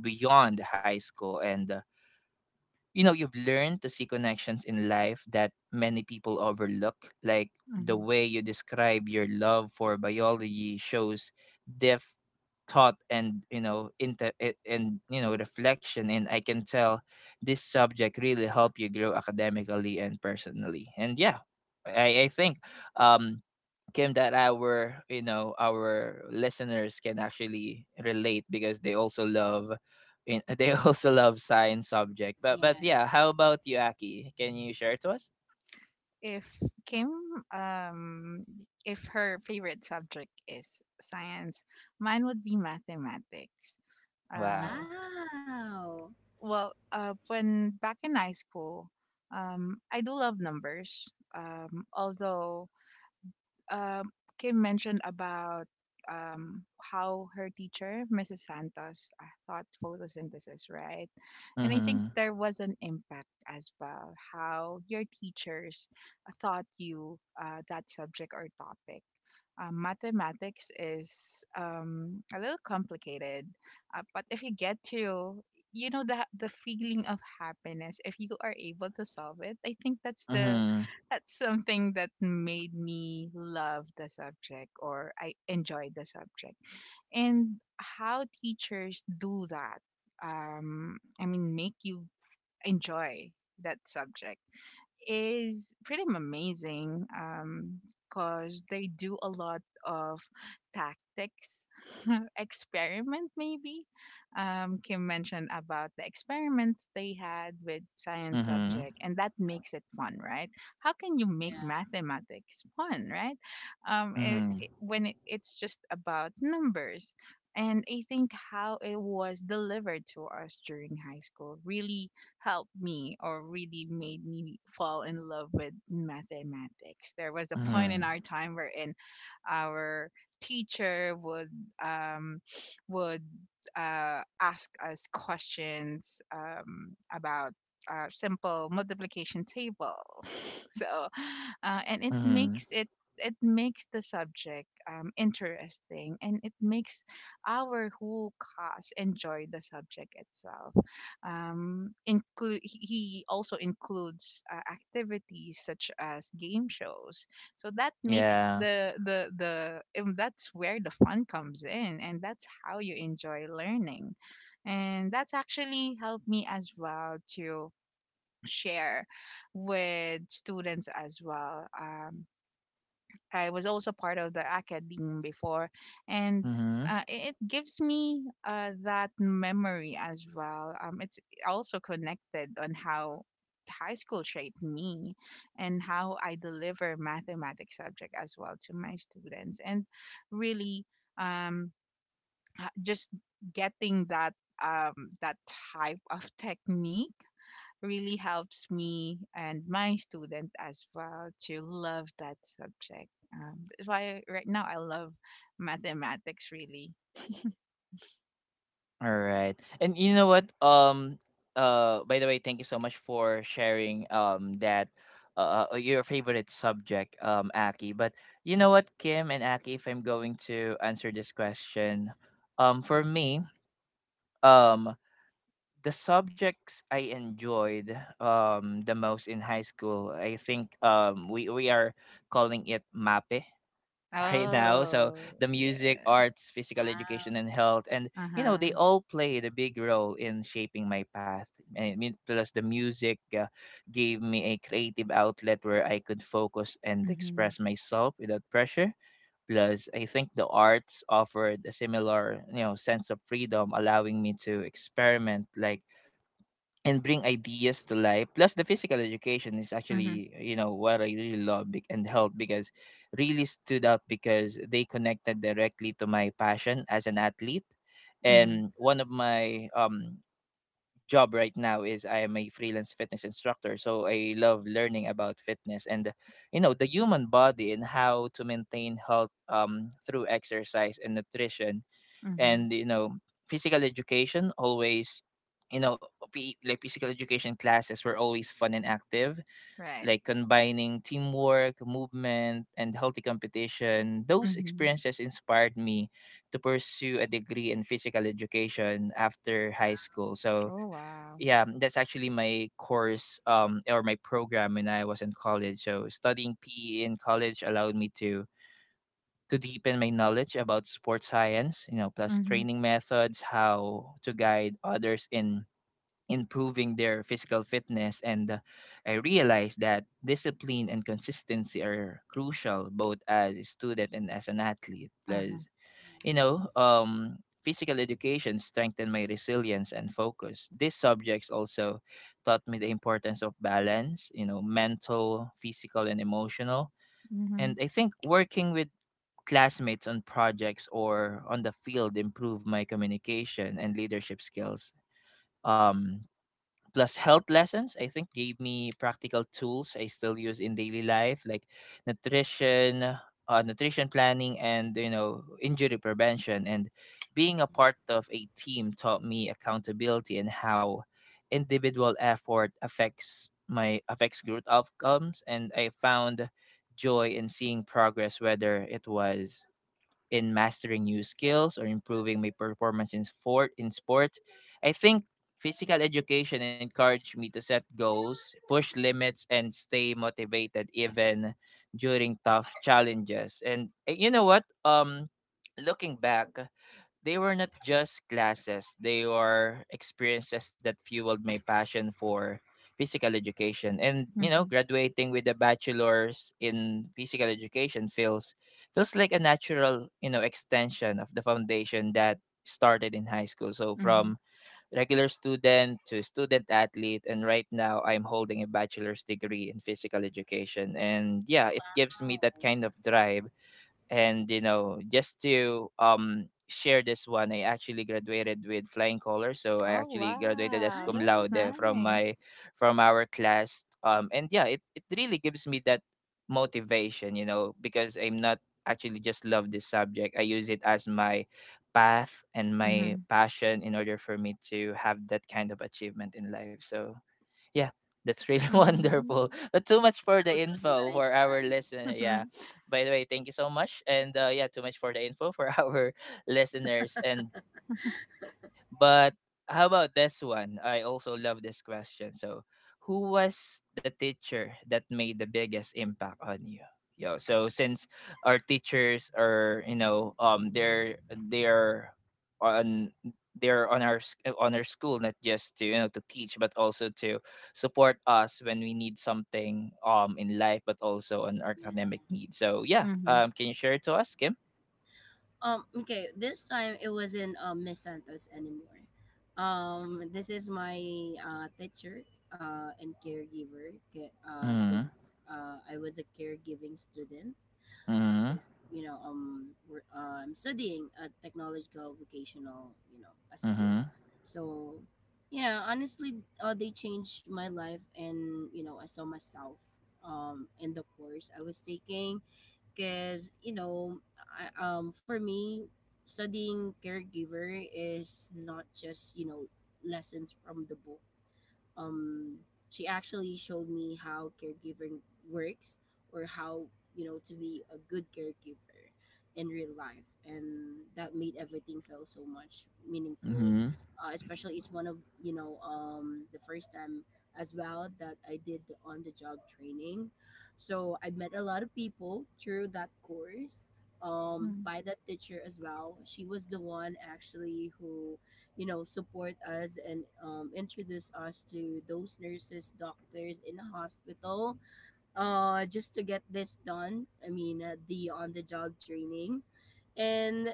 Speaker 1: beyond high school. And uh, you know, you've learned to see connections in life that many people overlook, like the
Speaker 2: Mhm.
Speaker 1: way you describe your love for biology shows depth thought and, you know, inter a- and you know, reflection. And I can tell this subject really helped you grow academically and personally. And yeah, i i think, um Kim, that our, you know, our listeners can actually relate because they also love, in- they also love science subject. But but yeah, how
Speaker 3: yeah.
Speaker 1: about you, Aki? Can you share to us?
Speaker 2: If Kim, um, if her favorite subject is science, mine would be mathematics. Um,
Speaker 1: Wow.
Speaker 3: Wow.
Speaker 2: well, uh, when back in high school, um, I do love numbers. Um, although, um, Kim mentioned about, um, how her teacher, missus Santos, uh, taught photosynthesis, right? And I think
Speaker 1: Mhm.
Speaker 2: there was an impact as well, how your teachers taught you, uh, that subject or topic. Uh, mathematics is, um, a little complicated, uh, but if you get to, you know, the the feeling of happiness if you are able to solve it. I think that's the
Speaker 1: Mhm.
Speaker 2: that's something that made me love the subject, or I enjoyed the subject. And how teachers do that, um I mean, make you enjoy that subject, is pretty amazing. Um because they do a lot of tactics, experiment maybe, um Kim mentioned about the experiments they had with science
Speaker 1: Mhm.
Speaker 2: subject, and that makes it fun, right? How can you make
Speaker 3: Yeah.
Speaker 2: mathematics fun, right? Um it,
Speaker 1: Mhm.
Speaker 2: it- when it, it's just about numbers. And I think how it was delivered to us during high school really helped me, or really made me fall in love with mathematics. There was a point in
Speaker 1: Mhm.
Speaker 2: our time wherein our teacher would um, would uh, ask us questions, um, about, uh, simple multiplication table. So, uh, and it
Speaker 1: Mhm.
Speaker 2: makes it it makes the subject, um, interesting, and it makes our whole class enjoy the subject itself. Um include he also includes, uh, activities such as game shows, so that makes
Speaker 1: Yeah.
Speaker 2: the the the um, that's where the fun comes in, and that's how you enjoy learning. And that's actually helped me as well, to share with students as well. um I was also part of the academe before, and
Speaker 1: Mhm.
Speaker 2: uh, it it gives me, uh, that memory as well. Um, it's also connected on how high school shaped me and how I deliver mathematics subject as well to my students, and really um, h- just getting that um, that type of technique really helps me and my student as well to love that subject. Um, that's why right now I love mathematics really.
Speaker 1: All right. And you know what? Um uh by the way, thank you so much for sharing um that uh uh, your favorite subject, um, Aki. But you know what, Kim and Aki, if I'm going to answer this question, um, for
Speaker 3: Mhm.
Speaker 1: me, um, the subjects I enjoyed um the most in high school, I think, um, we, we are calling it MAPE right now. So
Speaker 2: Oh
Speaker 1: the music,
Speaker 2: yeah.
Speaker 1: arts, physical education,
Speaker 3: Wow.
Speaker 1: and health, and
Speaker 2: Uh
Speaker 1: you know,
Speaker 2: huh.
Speaker 1: they all played a big role in shaping my path. I mean, plus the music uh, gave me a creative outlet where I could focus and
Speaker 2: Mhm.
Speaker 1: express myself without pressure. Plus, I think the arts offered a similar, you know, sense of freedom, allowing me to experiment, like, and bring ideas to life. Plus, the physical education is
Speaker 2: Mhm.
Speaker 1: actually, you know, what I really love, bec- and helped because really stood out because they connected directly to my passion as an athlete.
Speaker 2: Mhm.
Speaker 1: And one of my, um, job right now is I am a freelance fitness instructor. So I love learning about fitness and, you know, the human body and how to maintain health, um, through exercise and nutrition.
Speaker 2: Mhm.
Speaker 1: And, you know, physical education always, you know, P- like physical education classes were always fun and active,
Speaker 2: Right.
Speaker 1: like combining teamwork, movement and healthy competition. Those
Speaker 2: Mhm.
Speaker 1: experiences inspired me to pursue a degree in physical education after high school. So
Speaker 2: Oh wow.
Speaker 1: yeah, that's actually my course, um, or my program when I was in college. So studying PE in college allowed me to to deepen my knowledge about sports science, you know, plus
Speaker 2: Mhm.
Speaker 1: training methods, how to guide others in improving their physical fitness. And uh, I realized that discipline and consistency are crucial both as a student and as an athlete.
Speaker 2: Uh huh.
Speaker 1: Plus, you know, um, physical education strengthened my resilience and focus. These subjects also taught me the importance of balance, you know, mental, physical, and emotional. And
Speaker 2: Mhm.
Speaker 1: I think working with classmates on projects or on the field improved my communication and leadership skills. Um, plus health lessons, I think, gave me practical tools I still use in daily life, like nutrition, uh, nutrition planning, and, you know, injury prevention. And being a part of a team taught me accountability and how individual effort affects my affects group outcomes. And I found joy in seeing progress whether it was in mastering new skills or improving my performance in sport in sport. I think physical education encouraged me to set goals, push limits and stay motivated even during tough challenges. And eh, you know what? Um, looking back, they were not just classes, they were experiences that fueled my passion for physical education. And you know,
Speaker 2: Mhm.
Speaker 1: graduating with a bachelor's in physical education feels feels like a natural, you know, extension of the foundation that started in high school. So from
Speaker 2: Mhm.
Speaker 1: regular student to student athlete, and right now I'm holding a bachelor's degree in physical education. And yeah, it gives me
Speaker 3: Wow.
Speaker 1: that kind of drive. And, you know, just to, um, share this one, I actually graduated with flying colors. So I
Speaker 2: Oh
Speaker 1: actually graduated as
Speaker 2: wow,
Speaker 1: cum
Speaker 2: that's
Speaker 1: laude
Speaker 3: Nice.
Speaker 1: from my
Speaker 2: nice.
Speaker 1: from our class, um. And yeah, it, it really gives me that motivation, you know, because I'm not actually just love this subject, I use it as my path and my
Speaker 2: Mhm.
Speaker 1: passion in order for me to have that kind of achievement in life. So yeah, that's really wonderful.
Speaker 2: Mhm.
Speaker 1: But too much
Speaker 3: That's
Speaker 1: for the
Speaker 3: totally
Speaker 1: info
Speaker 3: nice,
Speaker 1: for our
Speaker 3: right?
Speaker 1: listener. Yeah.
Speaker 2: Mhm.
Speaker 1: By the way, thank you so much. And uh, yeah, too much for the info for our listeners. And but how about this one? I also love this question. So, who was the teacher that made the biggest impact on you? Yo, so since our teachers are, you know, um, they're they're on they're on our s- uh, on our school, not just to, you know, to teach but also to support us when we need something, um, in life, but also on our academic needs. So yeah,
Speaker 2: Mhm.
Speaker 1: um, can you share it to us, Kim?
Speaker 3: Um, okay, this time it wasn't um, Miss Santos anymore. Um, this is my uh, teacher uh, and caregiver ca- uh,
Speaker 1: Mm-hmm.
Speaker 3: since uh, I was a caregiving student.
Speaker 1: Mm-hmm.
Speaker 3: Because, you know, um, we're, uh, I'm studying a technological vocational, you know, a school. So, yeah, honestly, uh, they changed my life and, you know, I saw myself um, in the course I was taking because you know I, um for me studying caregiver is not just you know lessons from the book um she actually showed me how caregiving works, or how you know to be a good caregiver in real life, and that made everything feel so much meaningful.
Speaker 1: Mm-hmm.
Speaker 3: Uh, especially, it's one of you know um the first time as well that I did the on the job training, so I met a lot of people through that course, um
Speaker 2: Mhm.
Speaker 3: by that teacher as well. She was the one actually who, you know support us and, um, introduce us to those nurses, doctors in the hospital, uh just to get this done. I mean, uh, the on the job training. And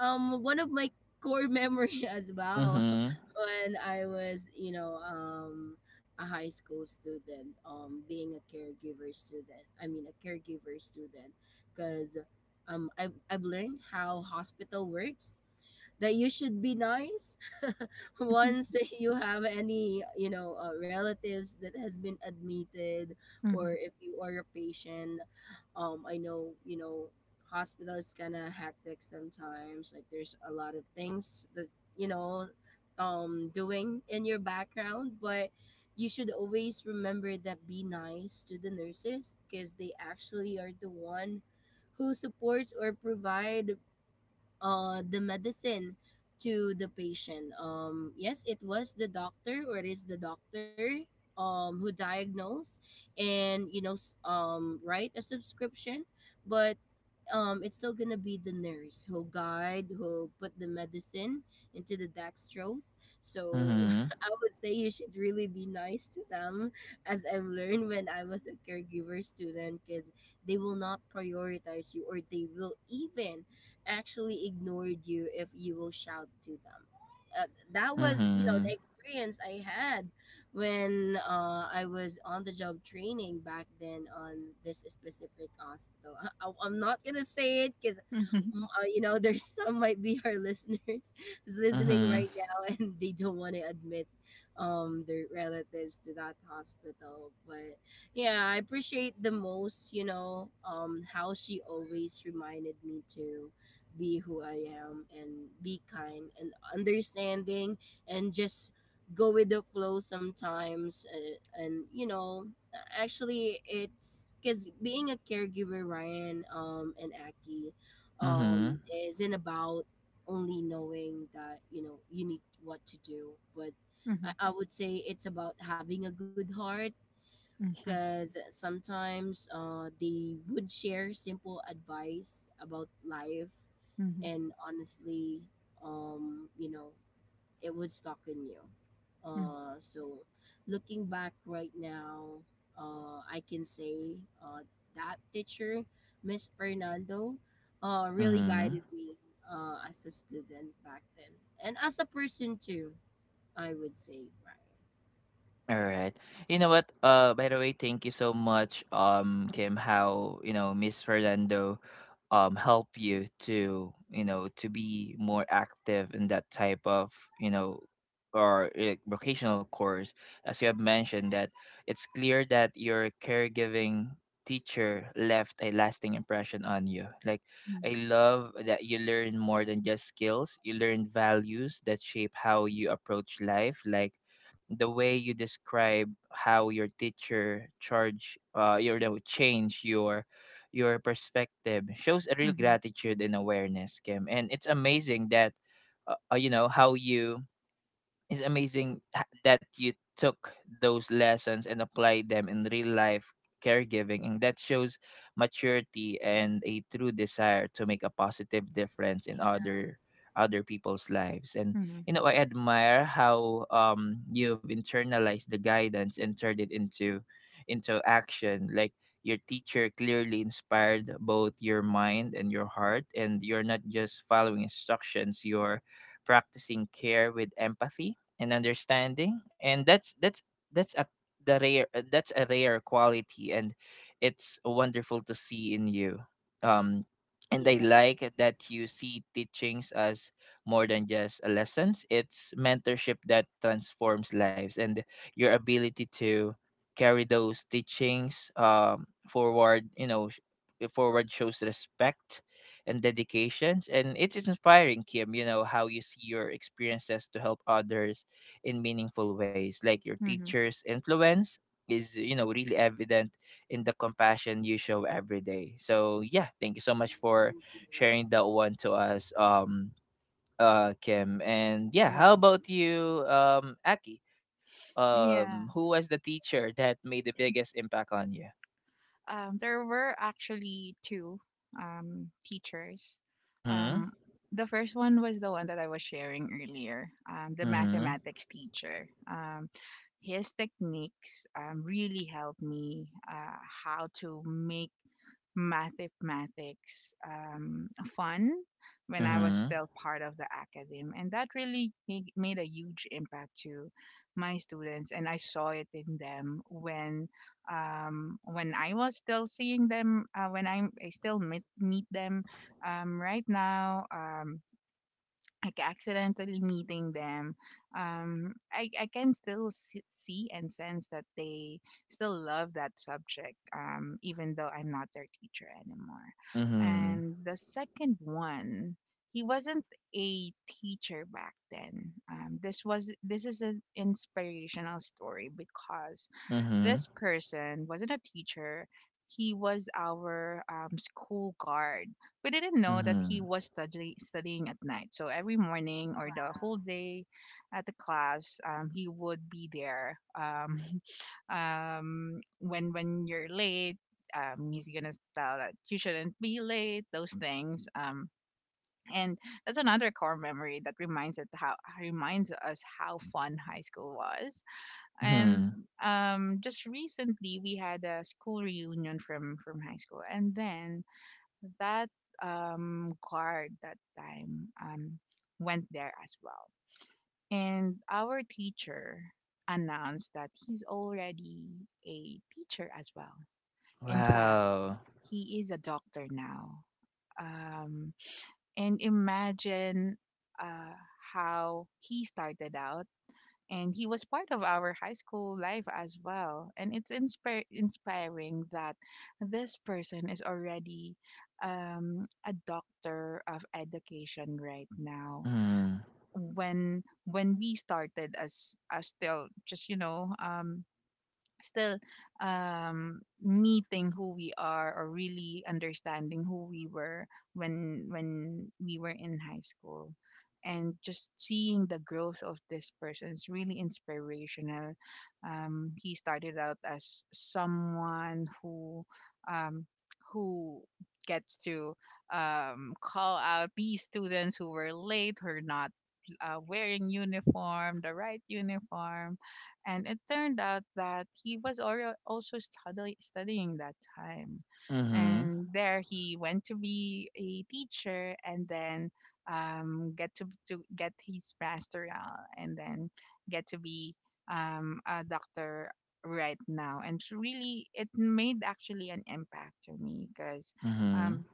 Speaker 3: um one of my core memory as well,
Speaker 1: Mm-hmm.
Speaker 3: when I was you know um a high school student, um being a caregiver student i mean a caregiver student. Because um I've, I've learned how hospital works, that you should be nice. Once you have any, you know uh, relatives that has been admitted, or
Speaker 2: Mhm.
Speaker 3: if you are a patient, um I know, you know, hospital is kind of hectic sometimes, like there's a lot of things that, you know um doing in your background, but you should always remember that be nice to the nurses, because they actually are the one who supports or provide uh, the medicine to the patient. Um, yes, it was the doctor, or it is the doctor um, who diagnosed and you know s- um, write a subscription, but um it's still gonna be the nurse who'll guide, who'll put the medicine into the dextrose. So
Speaker 1: Mhm.
Speaker 3: I would say you should really be nice to them, as I've learned when I was a caregiver student. Because they will not prioritize you, or they will even actually ignore you if you will shout to them. Uh, that was, you know the
Speaker 1: Mhm.
Speaker 3: experience I had when, uh, I was on the job training back then on this specific hospital. I am not gonna say it because, uh, you know, there's some might be our listeners is listening
Speaker 1: Mhm.
Speaker 3: right now and they don't want to admit um, their relatives to that hospital. But yeah, I appreciate the most, you know, um, how she always reminded me to be who I am and be kind and understanding, and just go with the flow sometimes, uh, and you know, actually it's because being a caregiver, Ryan um and Aki, um
Speaker 1: Mhm.
Speaker 3: isn't about only knowing that, you know, you need what to do, but i,
Speaker 2: Mhm.
Speaker 3: I would say it's about having a good heart.
Speaker 2: Mhm.
Speaker 3: Because sometimes uh they would share simple advice about life,
Speaker 2: Mhm. Mhm.
Speaker 3: and honestly, um you know, it would stocken you. Uh, so looking back right now, uh, I can say uh, that teacher, Miss Fernando, uh, really
Speaker 1: Mhm.
Speaker 3: guided me uh, as a student back then, and as a person too. I would say, right?
Speaker 1: All right. You know what? Uh, by the way, thank you so much, um, Kim. How, you know, Miss Fernando, um, help you to, you know, to be more active in that type of, you know, or, uh, vocational course. As you have mentioned, that it's clear that your caregiving teacher left a lasting impression on you. Like,
Speaker 2: Mm,
Speaker 1: I love that you learn more than just skills. You learn values that shape how you approach life. Like the way you describe how your teacher charge uh your no, change your your perspective shows a real
Speaker 2: mhm,
Speaker 1: gratitude and awareness, Kim. And it's amazing that uh, uh, you know, how you it's amazing h- that you took those lessons and applied them in real life caregiving, and that shows maturity and a true desire to make a positive difference in
Speaker 3: Yeah.
Speaker 1: other other people's lives. And
Speaker 2: mhm,
Speaker 1: you know, I admire how, um, you've internalized the guidance and turned it into into action. Like your teacher clearly inspired both your mind and your heart, and you're not just following instructions, you're practicing care with empathy and understanding. And that's that's that's a the rare uh, that's a rare quality, and it's wonderful to see in you, um.
Speaker 3: Thank
Speaker 1: And I
Speaker 3: you, Ryan.
Speaker 1: like that you see teachings as more than just a lessons, it's mentorship that transforms lives. And your ability to carry those teachings, um, forward, you know, sh- forward shows respect and dedications. And it is inspiring, Kim, you know, how you see your experiences to help others in meaningful ways. Like your
Speaker 2: mhm.
Speaker 1: teacher's influence is, you know, really evident in the compassion you show every day. So yeah, thank you so much for
Speaker 3: Thank you.
Speaker 1: sharing that one to us, um, uh, Kim. And yeah,
Speaker 3: You're
Speaker 1: how about
Speaker 3: welcome.
Speaker 1: you, um, Aki? Um,
Speaker 2: Yeah.
Speaker 1: who was the teacher that made the biggest impact on you?
Speaker 2: Um, there were actually two um, teachers.
Speaker 1: Mm-hmm.
Speaker 2: Um, the first one was the one that I was sharing earlier, um, the
Speaker 1: Mm-hmm.
Speaker 2: mathematics teacher. Um, his techniques um, really helped me uh, how to make mathematics um, fun when I was
Speaker 1: Mm-hmm.
Speaker 2: still part of the academe. And that really made, made a huge impact to my students. And I saw it in them when um, when I was still seeing them, uh, when I'm, I still meet, meet them um, right now. Um, like accidentally meeting them um i i can still s- see and sense that they still love that subject um even though I'm not their teacher anymore.
Speaker 1: Mm-hmm.
Speaker 2: And the second one, he wasn't a teacher back then. Um, this was, this is an inspirational story because
Speaker 1: Mm-hmm.
Speaker 2: this person wasn't a teacher, he was our um, school guard. We didn't know that he
Speaker 1: Mm-hmm.
Speaker 2: was study- studying at night. So every morning or the whole
Speaker 3: Wow.
Speaker 2: day at the class, um, he would be there. Um, um, when when you're late, um, he's gonna tell that you shouldn't be late. Those things. Um, and that's another core memory that reminds it how, reminds us how fun high school was. And
Speaker 1: Mm-hmm.
Speaker 2: um, just recently, we had a school reunion from from high school, and then that um, guard that time um, went there as well. And our teacher announced that he's already a teacher as well. In fact,
Speaker 1: Wow.
Speaker 2: he is a doctor now. Um, and imagine uh, how he started out, and he was part of our high school life as well, and it's inspir- inspiring that this person is already um, a doctor of education right now,
Speaker 1: Mm-hmm.
Speaker 2: when when we started as as still, just you know, um, still um, meeting who we are or really understanding who we were when when we were in high school. And just seeing the growth of this person is really inspirational. Um, he started out as someone who um, who gets to um, call out these students who were late, who are not uh, wearing uniform, the right uniform, and it turned out that he was already also study, studying that time.
Speaker 1: Mm-hmm.
Speaker 2: And there he went to be a teacher, and then um, get to, to get his pastoral, and then get to be um, a doctor right now. And it's really, it made actually an impact to me because
Speaker 1: mm-hmm.
Speaker 2: um,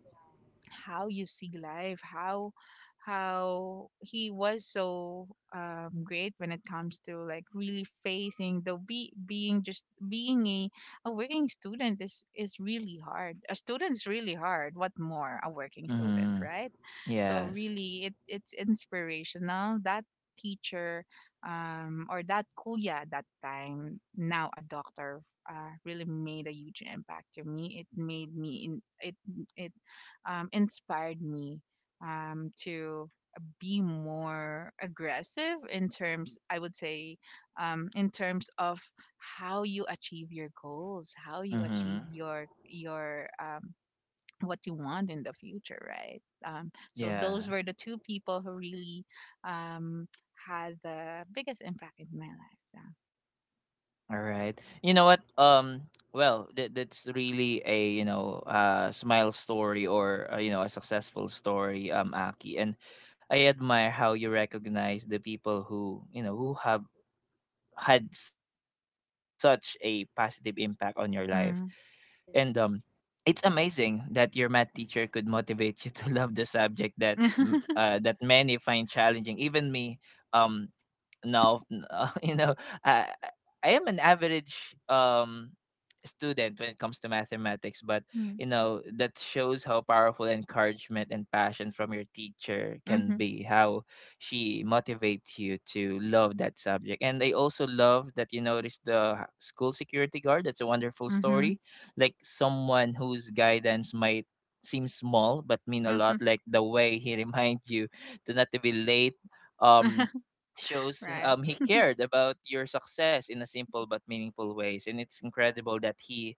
Speaker 2: how you see life, how how he was so um, great when it comes to like really facing the, be being, just being a, a working student is is really hard. A student's really hard, what more a working student,
Speaker 1: Mhm.
Speaker 2: right? So
Speaker 1: Yes.
Speaker 2: really it, it's inspirational that teacher, um, or that kuya that time, now a doctor, uh, really made a huge impact to me. It made me in, it, it um, inspired me um, to be more aggressive, in terms I would say, um, in terms of how you achieve your goals, how you achieve
Speaker 1: Mhm.
Speaker 2: your your um, what you want in the future, right? um, so
Speaker 1: Yeah.
Speaker 2: those were the two people who really um, had the biggest impact in my life.
Speaker 1: All right. You know what? Um. Well, that that's really a you know uh smile story or uh, you know, a successful story, um, Aki. And I admire how you recognize the people who you know who have had such a positive impact on your life.
Speaker 2: Yeah. Mm.
Speaker 1: And um,
Speaker 3: Yeah.
Speaker 1: It's amazing that your math teacher could motivate you to love the subject that m- uh, that many find challenging. Even me, um, no, n- uh, you know, I I am an average um student when it comes to mathematics, but
Speaker 2: Mm.
Speaker 1: you know, that shows how powerful encouragement and passion from your teacher can
Speaker 2: Mhm,
Speaker 1: be, how she motivates you to love that subject. And I also love that you notice the h- school security guard. That's a wonderful
Speaker 2: mhm,
Speaker 1: story. Like someone whose guidance might seem small but mean a lot,
Speaker 2: mhm.
Speaker 1: like the way he reminds you to not to be late. Um, Shows
Speaker 2: Right.
Speaker 1: um he cared about your success in a simple but meaningful ways, and it's incredible that he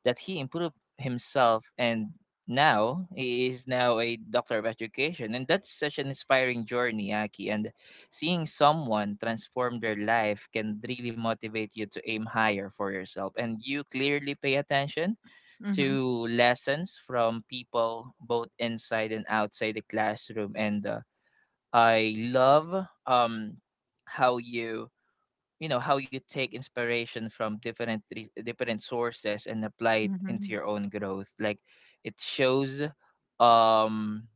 Speaker 1: that he improved himself and now he is now a doctor of education. And that's such an inspiring journey, Aki, and seeing someone transform their life can really motivate you to aim higher for yourself. And you clearly pay attention
Speaker 2: Mhm,
Speaker 1: to lessons from people both inside and outside the classroom. And uh, I love um how you you know how you take inspiration from different re- different sources and apply it into
Speaker 2: mhm,
Speaker 1: your own growth. Like it shows, um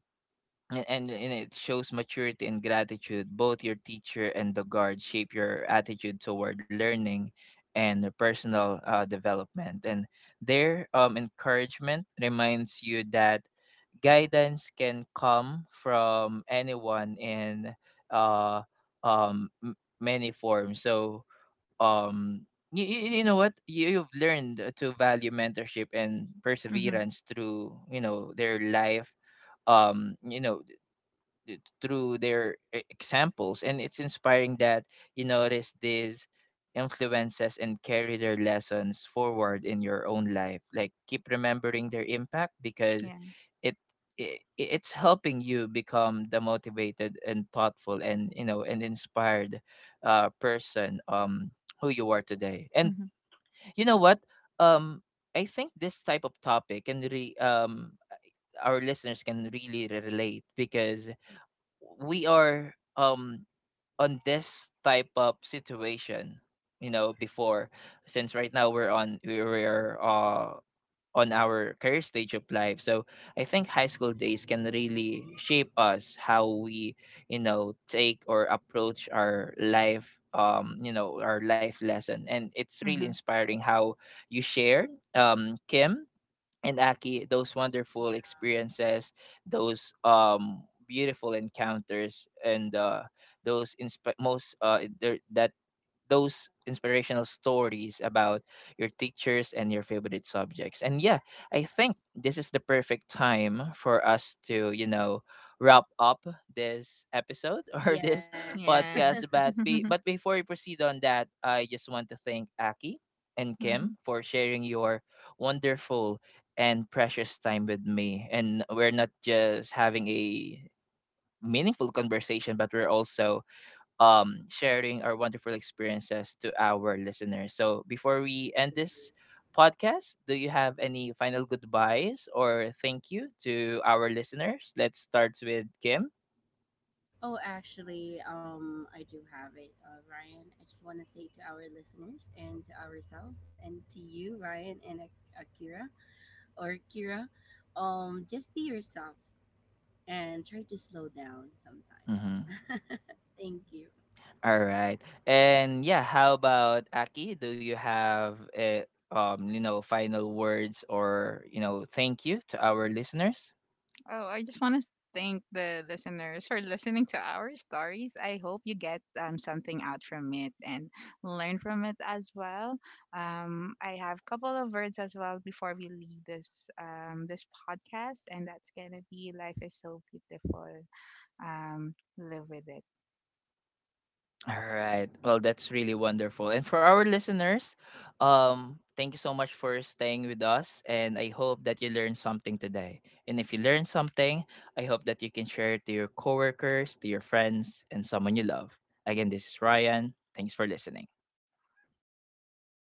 Speaker 1: and, and and it shows maturity and gratitude. Both your teacher and the guard shape your attitude toward learning and the personal uh, development. And their um, encouragement reminds you that guidance can come from anyone in uh um m- many forms. So um you, you know what, you, you've learned to value mentorship and
Speaker 2: mhm.
Speaker 1: perseverance through you know their life, um you know th- through their e- examples. And it's inspiring that you notice these influences and carry their lessons forward in your own life. Like, keep remembering their impact, because
Speaker 2: Yeah.
Speaker 1: it, it it's helping you become the motivated and thoughtful and, you know, and inspired uh person um who you are today. and
Speaker 2: Mhm.
Speaker 1: you know what um I think this type of topic can really, um our listeners can really relate, because we are, um on this type of situation, you know, before. Since right now we're on we- we're uh on our career stage of life, so I think high school days can really shape us how we, you know, take or approach our life, um you know, our life lesson. And it's really
Speaker 2: Mhm.
Speaker 1: inspiring how you share, um Kim and Aki, those wonderful experiences, those um beautiful encounters, and uh, those insp- most uh, there, that those inspirational stories about your teachers and your favorite subjects. And yeah, I think this is the perfect time for us to, you know, wrap up this episode or this
Speaker 3: Yes,
Speaker 2: Yeah.
Speaker 1: podcast. But be but before we proceed on that, I just want to thank Aki and Kim
Speaker 2: Mhm.
Speaker 1: for sharing your wonderful and precious time with me. And we're not just having a meaningful conversation, but we're also, um, sharing our wonderful experiences to our listeners. So before we end
Speaker 3: I
Speaker 1: this
Speaker 3: agree.
Speaker 1: podcast, do you have any final goodbyes or thank you to our listeners? Let's start with Kim.
Speaker 3: Oh, actually, um, I do have it, uh, Ryan. I just want to say to our listeners and to ourselves and to you, Ryan and Ak- Akira or Kira, um, just be yourself and try to slow down sometimes.
Speaker 1: Mm-hmm.
Speaker 3: Thank you.
Speaker 1: All right. And yeah, how about Aki? Do you have a, um, you know, final words or, you know, thank you to our listeners?
Speaker 2: Oh, I just want to thank the listeners for listening to our stories. I hope you get um, something out from it and learn from it as well. Um, I have a couple of words as well before we leave this um, this podcast, and that's gonna be, life is so beautiful. Um, live with it.
Speaker 1: All right. Well, that's really wonderful. And for our listeners, um, thank you so much for staying with us. And I hope that you learned something today. And if you learned something, I hope that you can share it to your coworkers, to your friends, and someone you love. Again, this is Ryan. Thanks for listening.